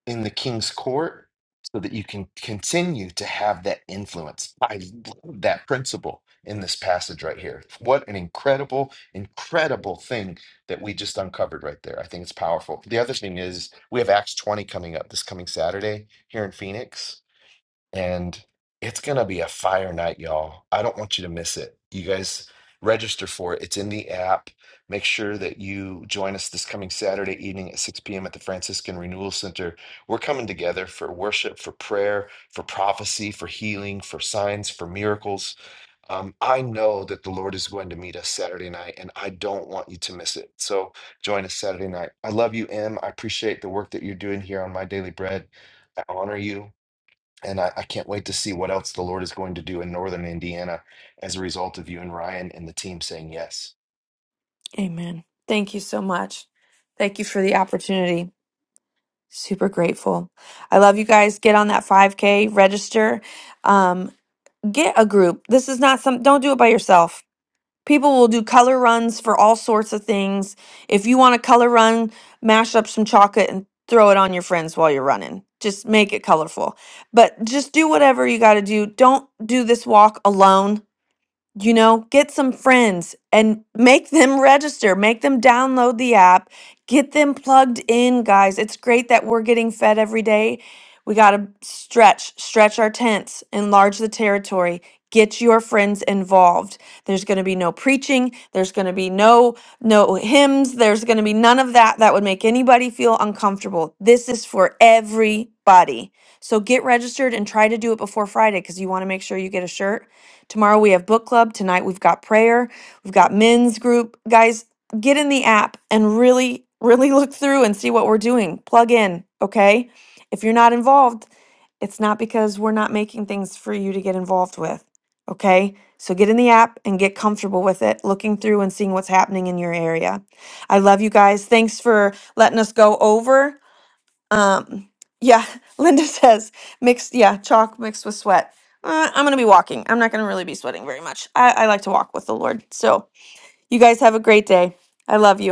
[SPEAKER 2] in the king's court so that you can continue to have that influence. I love that principle in this passage right here. What an incredible, incredible thing that we just uncovered right there. I think it's powerful. The other thing is we have Acts 20 coming up this coming Saturday here in Phoenix and it's gonna be a fire night, y'all. I don't want you to miss it. You guys register for it. It's in the app. Make sure that you join us this coming Saturday evening at 6 p.m. at the Franciscan Renewal Center. We're coming together for worship, for prayer, for prophecy, for healing, for signs, for miracles. Um, I know that the Lord is going to meet us Saturday night, and I don't want you to miss it. So join us Saturday night. I love you, Em. I appreciate the work that you're doing here on My Daily Bread. I honor you. And I, I can't wait to see what else the Lord is going to do in Northern Indiana as a result of you and Ryan and the team saying yes.
[SPEAKER 1] Amen. Thank you so much. Thank you for the opportunity. Super grateful. I love you guys. Get on that 5K, register, um, get a group. This is not some, don't do it by yourself People will do color runs for all sorts of things. If you want to color run, mash up some chocolate and throw it on your friends while you're running. Just make it colorful. But just do whatever you got to do. Don't do this walk alone you know, get some friends and make them register, make them download the app, get them plugged in, guys. It's great that we're getting fed every day. We got to stretch, stretch our tents, enlarge the territory. Get your friends involved. There's going to be no preaching, there's going to be no no hymns, there's going to be none of that that would make anybody feel uncomfortable. This is for everybody. So get registered and try to do it before Friday cuz you want to make sure you get a shirt Tomorrow we have book club. Tonight we've got prayer. We've got men's group. Guys, get in the app and really, really look through and see what we're doing. Plug in, okay? If you're not involved, it's not because we're not making things for you to get involved with, okay? So get in the app and get comfortable with it, looking through and seeing what's happening in your area. I love you guys. Thanks for letting us go over. Um, yeah, Linda says mixed, yeah, chalk mixed with sweat. Uh, I'm going to be walking. I'm not going to really be sweating very much. I, I like to walk with the Lord. So you guys have a great day. I love you.